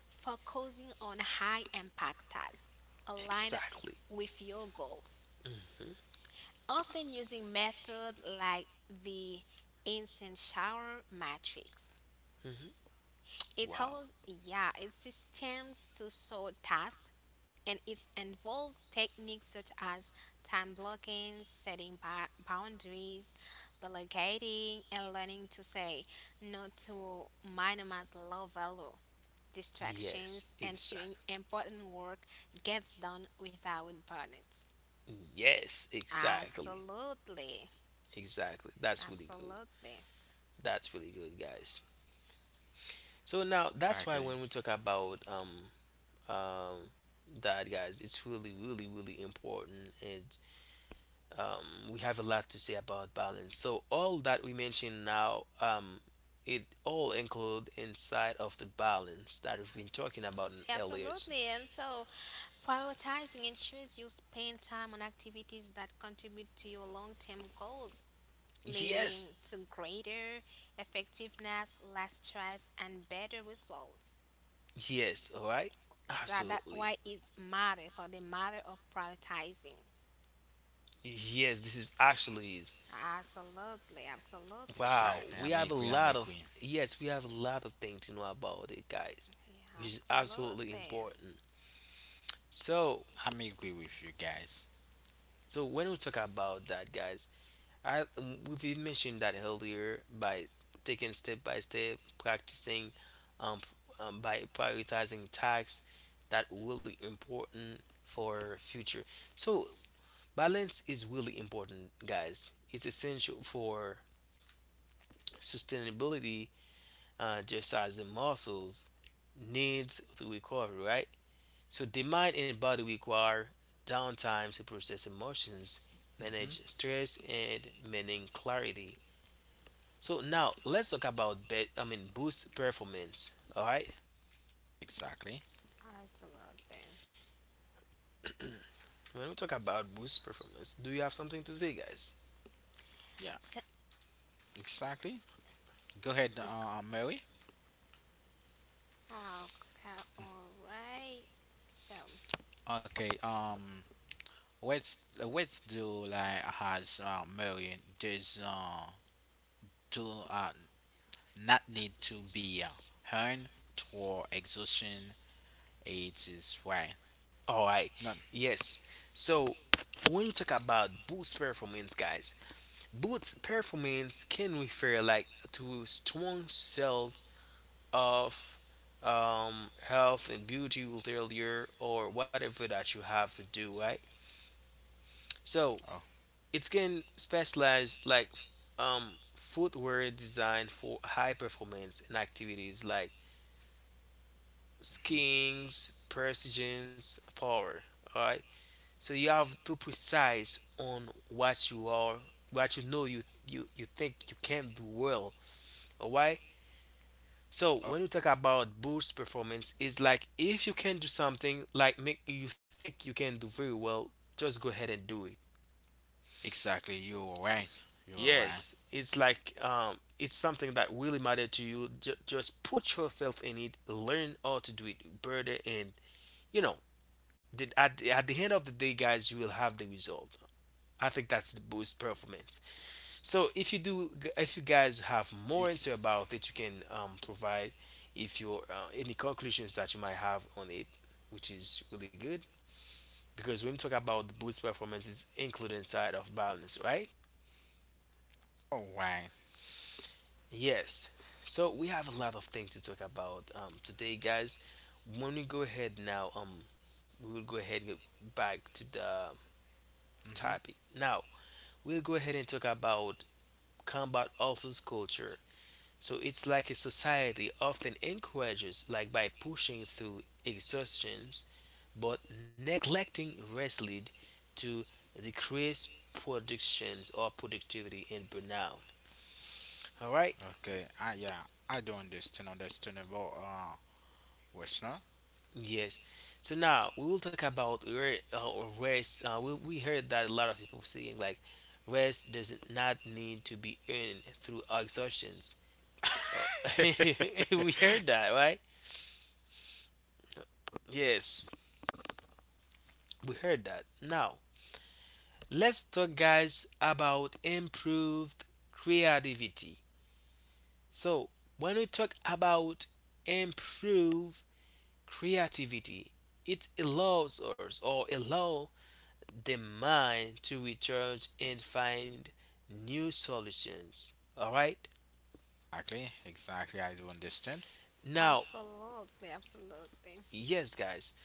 [SPEAKER 2] focusing on high impact tasks aligned
[SPEAKER 1] Exactly.
[SPEAKER 2] with your goals.
[SPEAKER 1] Hmm.
[SPEAKER 2] Often using method like the instant shower matrix.
[SPEAKER 1] Hmm.
[SPEAKER 2] It
[SPEAKER 1] Wow.
[SPEAKER 2] holds yeah, it systems to sort tasks and it involves techniques such as time blocking, setting boundaries, delegating, and learning to say no to minimize low value
[SPEAKER 1] Yes,
[SPEAKER 2] distractions, ensuring
[SPEAKER 1] exactly.
[SPEAKER 2] important work gets done without burnouts.
[SPEAKER 1] Yes, exactly.
[SPEAKER 2] Absolutely,
[SPEAKER 1] Exactly, that's really good.
[SPEAKER 2] absolutely.
[SPEAKER 1] That's really good, guys. So now that's why
[SPEAKER 3] Exactly,
[SPEAKER 1] when we talk about um that guys, it's really really really important, and um, we have a lot to say about balance. So all that we mentioned now, it all include inside of the balance that we've been talking about in earlier.
[SPEAKER 2] Absolutely, and so prioritizing ensures you spend time on activities that contribute to your long term goals leading
[SPEAKER 1] Yes,
[SPEAKER 2] to greater effectiveness, less stress, and better results.
[SPEAKER 1] yes, all right,
[SPEAKER 2] So that's
[SPEAKER 1] absolutely.
[SPEAKER 2] why it matters, or the matter of prioritizing.
[SPEAKER 1] Yes, this is actually is.
[SPEAKER 2] Absolutely, absolutely.
[SPEAKER 1] Wow,
[SPEAKER 3] exactly.
[SPEAKER 1] we
[SPEAKER 3] I'm
[SPEAKER 1] have a
[SPEAKER 3] agree. I'm
[SPEAKER 1] lot of
[SPEAKER 3] agree.
[SPEAKER 1] yes, we have a lot of things to know about it, guys,
[SPEAKER 2] Yeah,
[SPEAKER 1] which is absolutely
[SPEAKER 2] absolutely,
[SPEAKER 1] important. So,
[SPEAKER 3] I'm agree with you guys.
[SPEAKER 1] so when we talk about that, guys, I we've mentioned that earlier by taking step by step, practicing, um, by prioritizing tasks that really important for future. So balance is really important, guys. It's essential for sustainability, just as the muscles needs to recover, right? So the mind and body require downtime to process emotions,
[SPEAKER 3] Mhm.
[SPEAKER 1] manage stress, and maintain clarity. So now let's talk about bet, I mean boost performance. All right.
[SPEAKER 3] Exactly.
[SPEAKER 2] absolutely.
[SPEAKER 1] When we talk about boost performance, do you have something to say, guys?
[SPEAKER 3] Yeah.
[SPEAKER 2] So,
[SPEAKER 3] Exactly. Go ahead, Mary.
[SPEAKER 2] okay, all right. So,
[SPEAKER 3] Okay. Let's do like has Mary does to not need to be earned toward exhaustion. It is right.
[SPEAKER 1] All right.
[SPEAKER 3] None.
[SPEAKER 1] Yes. So when we talk about boost performance, guys, boost performance can refer like to strong cells of health and beauty failure, or whatever that you have to do, right? So it can specialize like footwear designed for high performance and activities like skiing, precision, power. All right. So you have to precise on what you are, what you know you think you can do well. All right. So
[SPEAKER 3] Oh,
[SPEAKER 1] when you talk about boost performance, it's like if you can do something like make you think you can do very well, just go ahead and do it.
[SPEAKER 3] exactly, you were right. You were right.
[SPEAKER 1] Yes, it's like it's something that really matter to you. Just put yourself in it, learn how to do it better, and you know, at the end of the day, guys, you will have the result. I think that's the boost performance. So if you do, if you guys have more answer
[SPEAKER 3] It's
[SPEAKER 1] about it, you can provide if you any conclusions that you might have on it, which is really good, because when we talk about boost performance, it's included inside of balance, right?
[SPEAKER 3] all right.
[SPEAKER 1] Yes. So we have a lot of things to talk about today, guys. When we go ahead now, we will go ahead and get back to the
[SPEAKER 3] Mm-hmm.
[SPEAKER 1] topic. Now we'll go ahead and talk about combat ulcers culture. So it's like a society often encourages, like by pushing through exhaustions, but neglecting rest lead to decreased productions or productivity and burnout. All right.
[SPEAKER 3] Okay. Ah, yeah. I do understand. Understandable. Western.
[SPEAKER 1] Yes. So now we will talk about re- or rest. We heard that a lot of people saying like rest does not need to be earned through exertions. Uh,
[SPEAKER 3] Exactly.
[SPEAKER 1] we heard that, right? Yes, we heard that. Now let's talk, guys, about improved creativity. So when we talk about improve creativity, it allows us or allow the mind to recharge and find new solutions. All right.
[SPEAKER 3] Exactly. I do understand.
[SPEAKER 1] Now,
[SPEAKER 2] absolutely, absolutely.
[SPEAKER 1] yes, guys.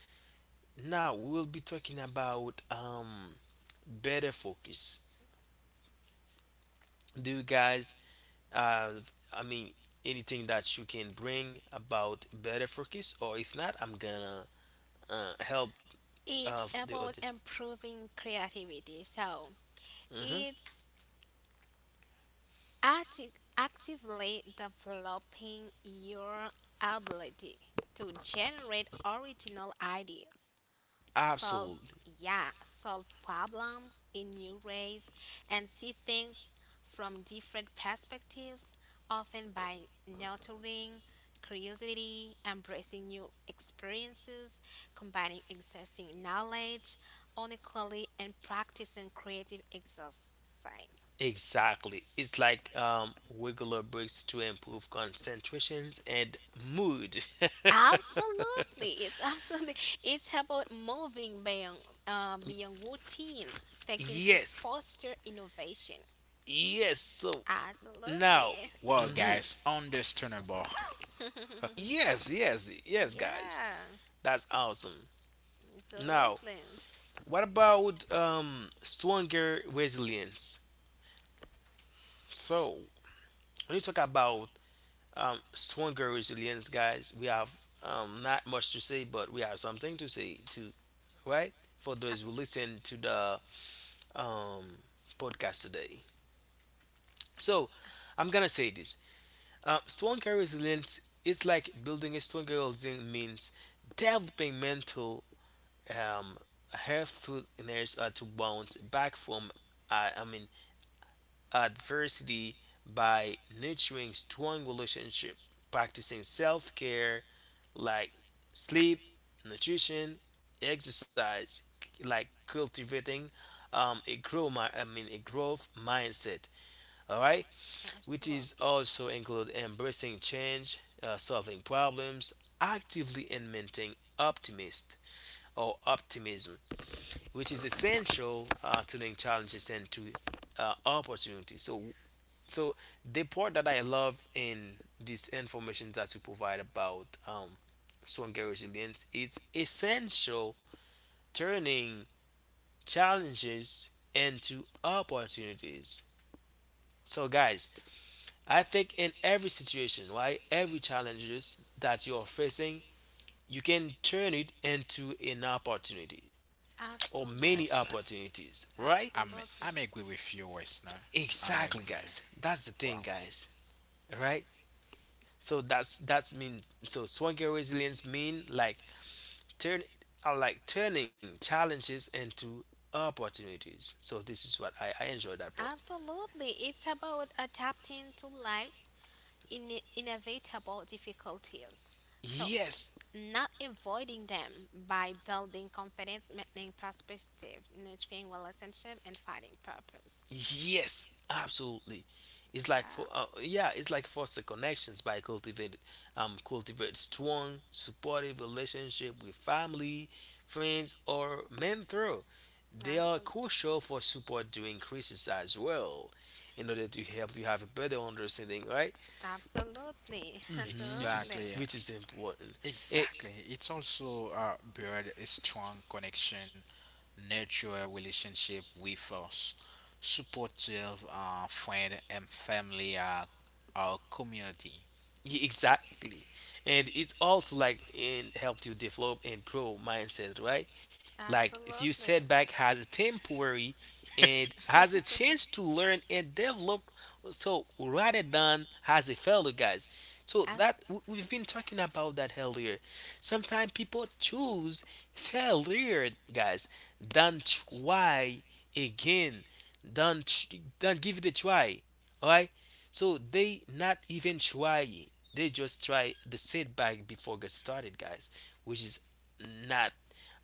[SPEAKER 1] Now we'll be talking about better focus. Do you guys have? I mean, anything that you can bring about better focus, or if not, I'm gonna help
[SPEAKER 2] It's
[SPEAKER 1] the
[SPEAKER 2] about
[SPEAKER 1] audience.
[SPEAKER 2] improving creativity. So
[SPEAKER 1] Hmm.
[SPEAKER 2] it's actively developing your ability to generate original ideas, solve
[SPEAKER 1] Absolutely.
[SPEAKER 2] yeah, solve problems in new ways and see things from different perspectives, often by nurturing curiosity, embracing new experiences, combining existing knowledge unequally, and practicing creative exercise,
[SPEAKER 1] Exactly. It's like regular breaks to improve concentrations and mood.
[SPEAKER 2] absolutely. It's absolutely, it's about moving beyond beyond routine thinking to
[SPEAKER 1] yes,
[SPEAKER 2] foster innovation.
[SPEAKER 1] yes. So now,
[SPEAKER 2] Absolutely.
[SPEAKER 3] Well,
[SPEAKER 1] hmm,
[SPEAKER 3] guys, understandable.
[SPEAKER 1] yes, yes, yes, guys.
[SPEAKER 2] Yeah,
[SPEAKER 1] That's awesome. Now,
[SPEAKER 2] absolutely.
[SPEAKER 1] what about stronger resilience?
[SPEAKER 2] S-
[SPEAKER 1] So, when you talk about stronger resilience, guys, we have not much to say, but we have something to say too, right? For
[SPEAKER 2] a-
[SPEAKER 1] those who listen to the um, podcast today. So I'm gonna say this: strong career resilience is like building a strong career resilience means developing mental um, health through in areas to bounce back from uh, I mean adversity by nurturing strong relationship, practicing self care like sleep, nutrition, exercise, like cultivating a grow my I mean a growth mindset, all right, which is
[SPEAKER 2] Absolutely.
[SPEAKER 1] also include embracing change, solving problems actively and maintaining optimist or optimism, which is essential to the challenges and to opportunities. So the part that I love in this information that we provide about stronger resilience, it's essential turning challenges into opportunities. So guys, I think in every situation, right, every challenges that you are facing, you can turn it into an opportunity or many
[SPEAKER 2] Absolutely.
[SPEAKER 3] Exactly.
[SPEAKER 1] opportunities, right?
[SPEAKER 3] I'm. I'm
[SPEAKER 2] Absolutely.
[SPEAKER 3] agree with you, Western. I'm
[SPEAKER 1] Exactly,
[SPEAKER 3] agree.
[SPEAKER 1] guys. That's the
[SPEAKER 3] Wow.
[SPEAKER 1] thing, guys. Right? So that's mean. So swagger resilience mean like turn like turning challenges into opportunities. So this is what I enjoy that part.
[SPEAKER 2] Absolutely. It's about adapting to life's in inevitable difficulties. So
[SPEAKER 1] Yes.
[SPEAKER 2] not avoiding them by building confidence, maintaining perspective, nurturing relationship, and finding purpose.
[SPEAKER 1] Yes, absolutely. It's like
[SPEAKER 2] Yeah,
[SPEAKER 1] for yeah, it's like foster connections by cultivate strong supportive relationship with family, friends, or mentor. They are
[SPEAKER 2] absolutely.
[SPEAKER 1] crucial for support during crisis as well, in order to help you have a better understanding, right?
[SPEAKER 2] Absolutely,
[SPEAKER 1] Hmm. Which is
[SPEAKER 2] absolutely,
[SPEAKER 3] Exactly.
[SPEAKER 1] which is important. And
[SPEAKER 3] Exactly. It's also build a strong connection, nurture a relationship with us, supportive friend and family, our community.
[SPEAKER 1] yeah, exactly. And it's also like and helped you develop and grow mindset, right? Like if you
[SPEAKER 2] absolutely,
[SPEAKER 1] setback has a temporary and has a chance to learn and develop, so rather than has a failure, guys. So
[SPEAKER 2] As,
[SPEAKER 1] that we've been talking about that earlier. Sometimes people choose failure, guys, than try again, than than give it a try. Alright? So they not even try. They just try the setback before get started, guys, which is not,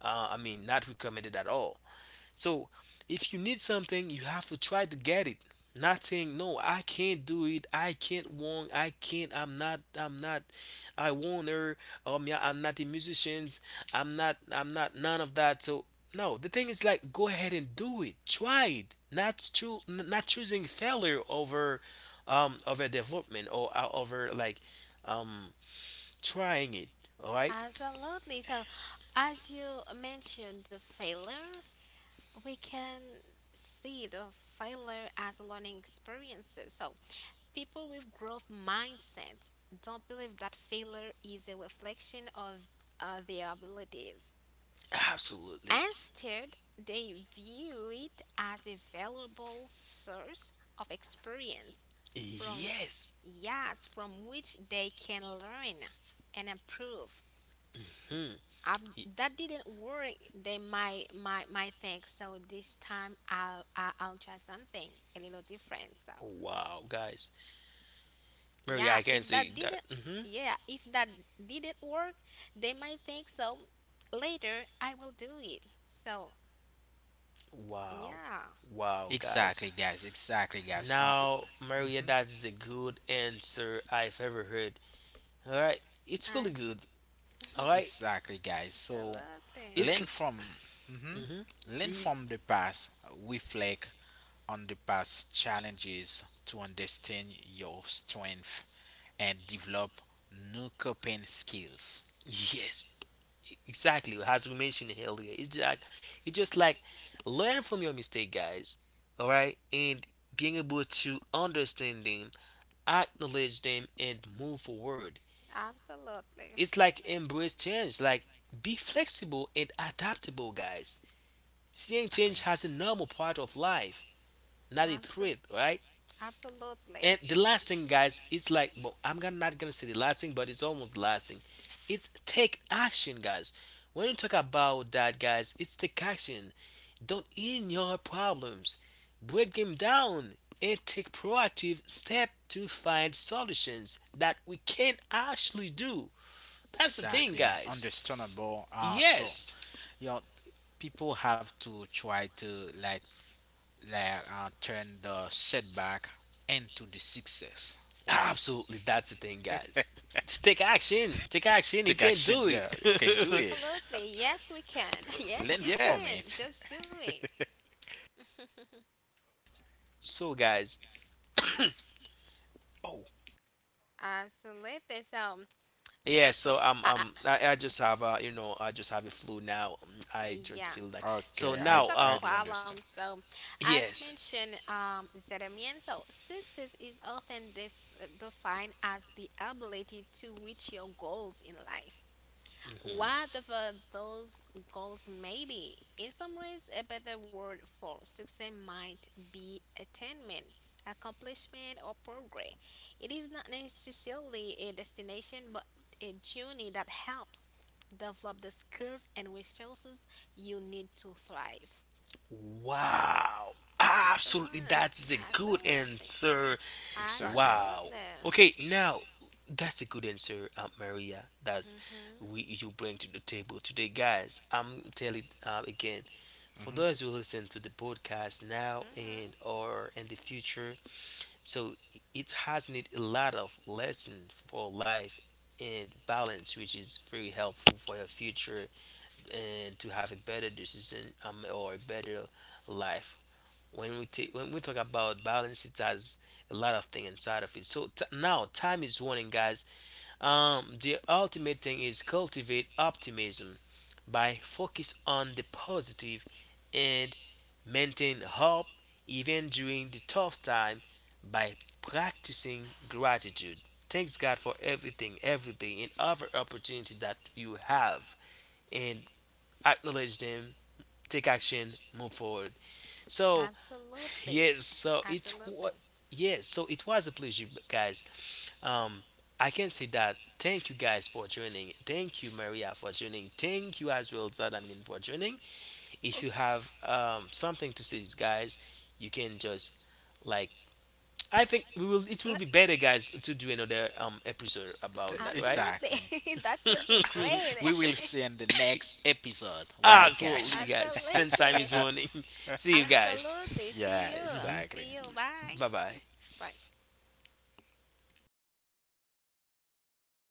[SPEAKER 1] I mean, not recommended at all. So if you need something, you have to try to get it. Not saying no, I can't do it. I can't want. I can't. I'm not. I'm not. I am not. I am not. I want not. Or yeah, I'm not a musician. I'm not. I'm not. None of that. So no, the thing is like go ahead and do it. Try it. Not not choosing failure over, over development or over like, um, trying it. All right.
[SPEAKER 2] absolutely. So, as you mentioned, the failure, we can see the failure as a learning experiences. So, people with growth mindsets don't believe that failure is a reflection of their abilities.
[SPEAKER 1] Absolutely.
[SPEAKER 2] Instead, they view it as a valuable source of experience from
[SPEAKER 1] Yes.
[SPEAKER 2] yes, from which they can learn and improve.
[SPEAKER 1] Hmm.
[SPEAKER 2] Um, that didn't work. They might think so. This time I'll try something a little different. So
[SPEAKER 1] Wow, guys. Mary,
[SPEAKER 2] yeah,
[SPEAKER 1] I can
[SPEAKER 2] if
[SPEAKER 1] see
[SPEAKER 2] that
[SPEAKER 1] that.
[SPEAKER 2] didn't
[SPEAKER 1] Hmm.
[SPEAKER 2] yeah, if that didn't work, they might think so later I will do it. So,
[SPEAKER 1] Wow.
[SPEAKER 2] yeah.
[SPEAKER 1] Wow, guys.
[SPEAKER 3] Exactly, guys. Exactly, guys.
[SPEAKER 1] Now, Maria,
[SPEAKER 3] Mhm.
[SPEAKER 1] that's a good answer I've ever heard. All right. It's really
[SPEAKER 2] Absolutely.
[SPEAKER 1] good. All right.
[SPEAKER 3] Exactly, guys. So
[SPEAKER 1] It's.
[SPEAKER 3] learn from mhm.
[SPEAKER 1] Hmm.
[SPEAKER 3] learn from the past, reflect on the past challenges to understand your strength and develop new coping skills.
[SPEAKER 1] Yes, exactly. As we mentioned earlier, it's like it's just like learn from your mistake, guys. All right, and being able to understand them, acknowledge them, and move forward.
[SPEAKER 2] Absolutely.
[SPEAKER 1] It's like embrace change. Like be flexible and adaptable, guys. Seeing change as a
[SPEAKER 3] Exactly.
[SPEAKER 1] normal part of life, not a threat,
[SPEAKER 2] Absolutely.
[SPEAKER 1] right? And
[SPEAKER 2] Absolutely.
[SPEAKER 1] the last thing, guys, it's like well, I'm gonna not gonna say the last thing, but it's almost last thing. It's take action, guys. When you talk about that, guys, it's take action. Don't ignore problems. Break them down and take proactive step to find solutions that we can actually do. That's the thing,
[SPEAKER 3] Exactly.
[SPEAKER 1] guys.
[SPEAKER 3] Understandable. So
[SPEAKER 1] Yes.
[SPEAKER 3] you know, people have to try to turn the setback into the success. Right?
[SPEAKER 1] Absolutely, that's the thing, guys. Just take action. Take action. You
[SPEAKER 3] Take
[SPEAKER 1] can
[SPEAKER 3] action.
[SPEAKER 1] do
[SPEAKER 3] Yeah, you can do
[SPEAKER 1] it.
[SPEAKER 3] it.
[SPEAKER 2] Absolutely. Yes, we can. Yes,
[SPEAKER 3] Learn
[SPEAKER 2] you
[SPEAKER 3] from
[SPEAKER 1] Yes.
[SPEAKER 2] can.
[SPEAKER 3] it.
[SPEAKER 2] Just do it.
[SPEAKER 1] So, guys. Oh,
[SPEAKER 2] Absolutely. So,
[SPEAKER 1] yeah. So,
[SPEAKER 2] I,
[SPEAKER 1] I just have, I just have a flu now. Mm, I just
[SPEAKER 2] yeah.
[SPEAKER 1] feel like
[SPEAKER 3] Okay,
[SPEAKER 1] so
[SPEAKER 3] I
[SPEAKER 2] It's
[SPEAKER 1] now.
[SPEAKER 2] not a
[SPEAKER 3] I do understand.
[SPEAKER 2] problem. So, as
[SPEAKER 1] Yes.
[SPEAKER 2] mentioned, Zedemian, so success is often defined as the ability to reach your goals in life.
[SPEAKER 1] Mm-hmm.
[SPEAKER 2] Whatever those goals may be, in some ways, a better word for success might be attainment, accomplishment, or progress. It is not necessarily a destination, but a journey that helps develop the skills and resources you need to thrive.
[SPEAKER 1] Wow. Absolutely,
[SPEAKER 2] Absolutely.
[SPEAKER 1] that's a good
[SPEAKER 2] Absolutely.
[SPEAKER 1] answer.
[SPEAKER 3] Exactly.
[SPEAKER 1] Wow.
[SPEAKER 2] Absolutely.
[SPEAKER 1] Okay, now that's a good answer, Maria. That we
[SPEAKER 2] Hmm.
[SPEAKER 1] you bring to the table today, guys. I'm telling again, for
[SPEAKER 3] hmm
[SPEAKER 1] those who listen to the podcast now and
[SPEAKER 2] Hmm.
[SPEAKER 1] or in the future, so it has need a lot of lesson for life and balance, which is very helpful for your future and to have a better decision, or a better life. When we take when we talk about balance, it has a lot of things inside of it. So now time is running, guys. The ultimate thing is cultivate optimism by focus on the positive and maintain hope even during the tough time by practicing gratitude, thanks god for everything, everything and every opportunity that you have, and acknowledge them, take action, move forward. So
[SPEAKER 2] Absolutely.
[SPEAKER 1] yes, so it's
[SPEAKER 2] Absolutely.
[SPEAKER 1] what. Yes, so it was a pleasure, guys. Um, I can say that. Thank you guys for joining. Thank you, Maria, for joining. Thank you as well, Zadamin, for joining. If you have something to say, guys, you can just like I think we will. It will
[SPEAKER 2] L-
[SPEAKER 1] be better, guys, to do another episode about that, right?
[SPEAKER 2] Absolutely.
[SPEAKER 3] Exactly.
[SPEAKER 2] That will be great.
[SPEAKER 3] We will see in the next episode,
[SPEAKER 2] Abs-
[SPEAKER 3] right,
[SPEAKER 1] Absolutely,
[SPEAKER 3] guys?
[SPEAKER 1] guys.
[SPEAKER 2] Absolutely.
[SPEAKER 1] Since time is running, see you guys.
[SPEAKER 3] Yeah, exactly.
[SPEAKER 1] Bye bye.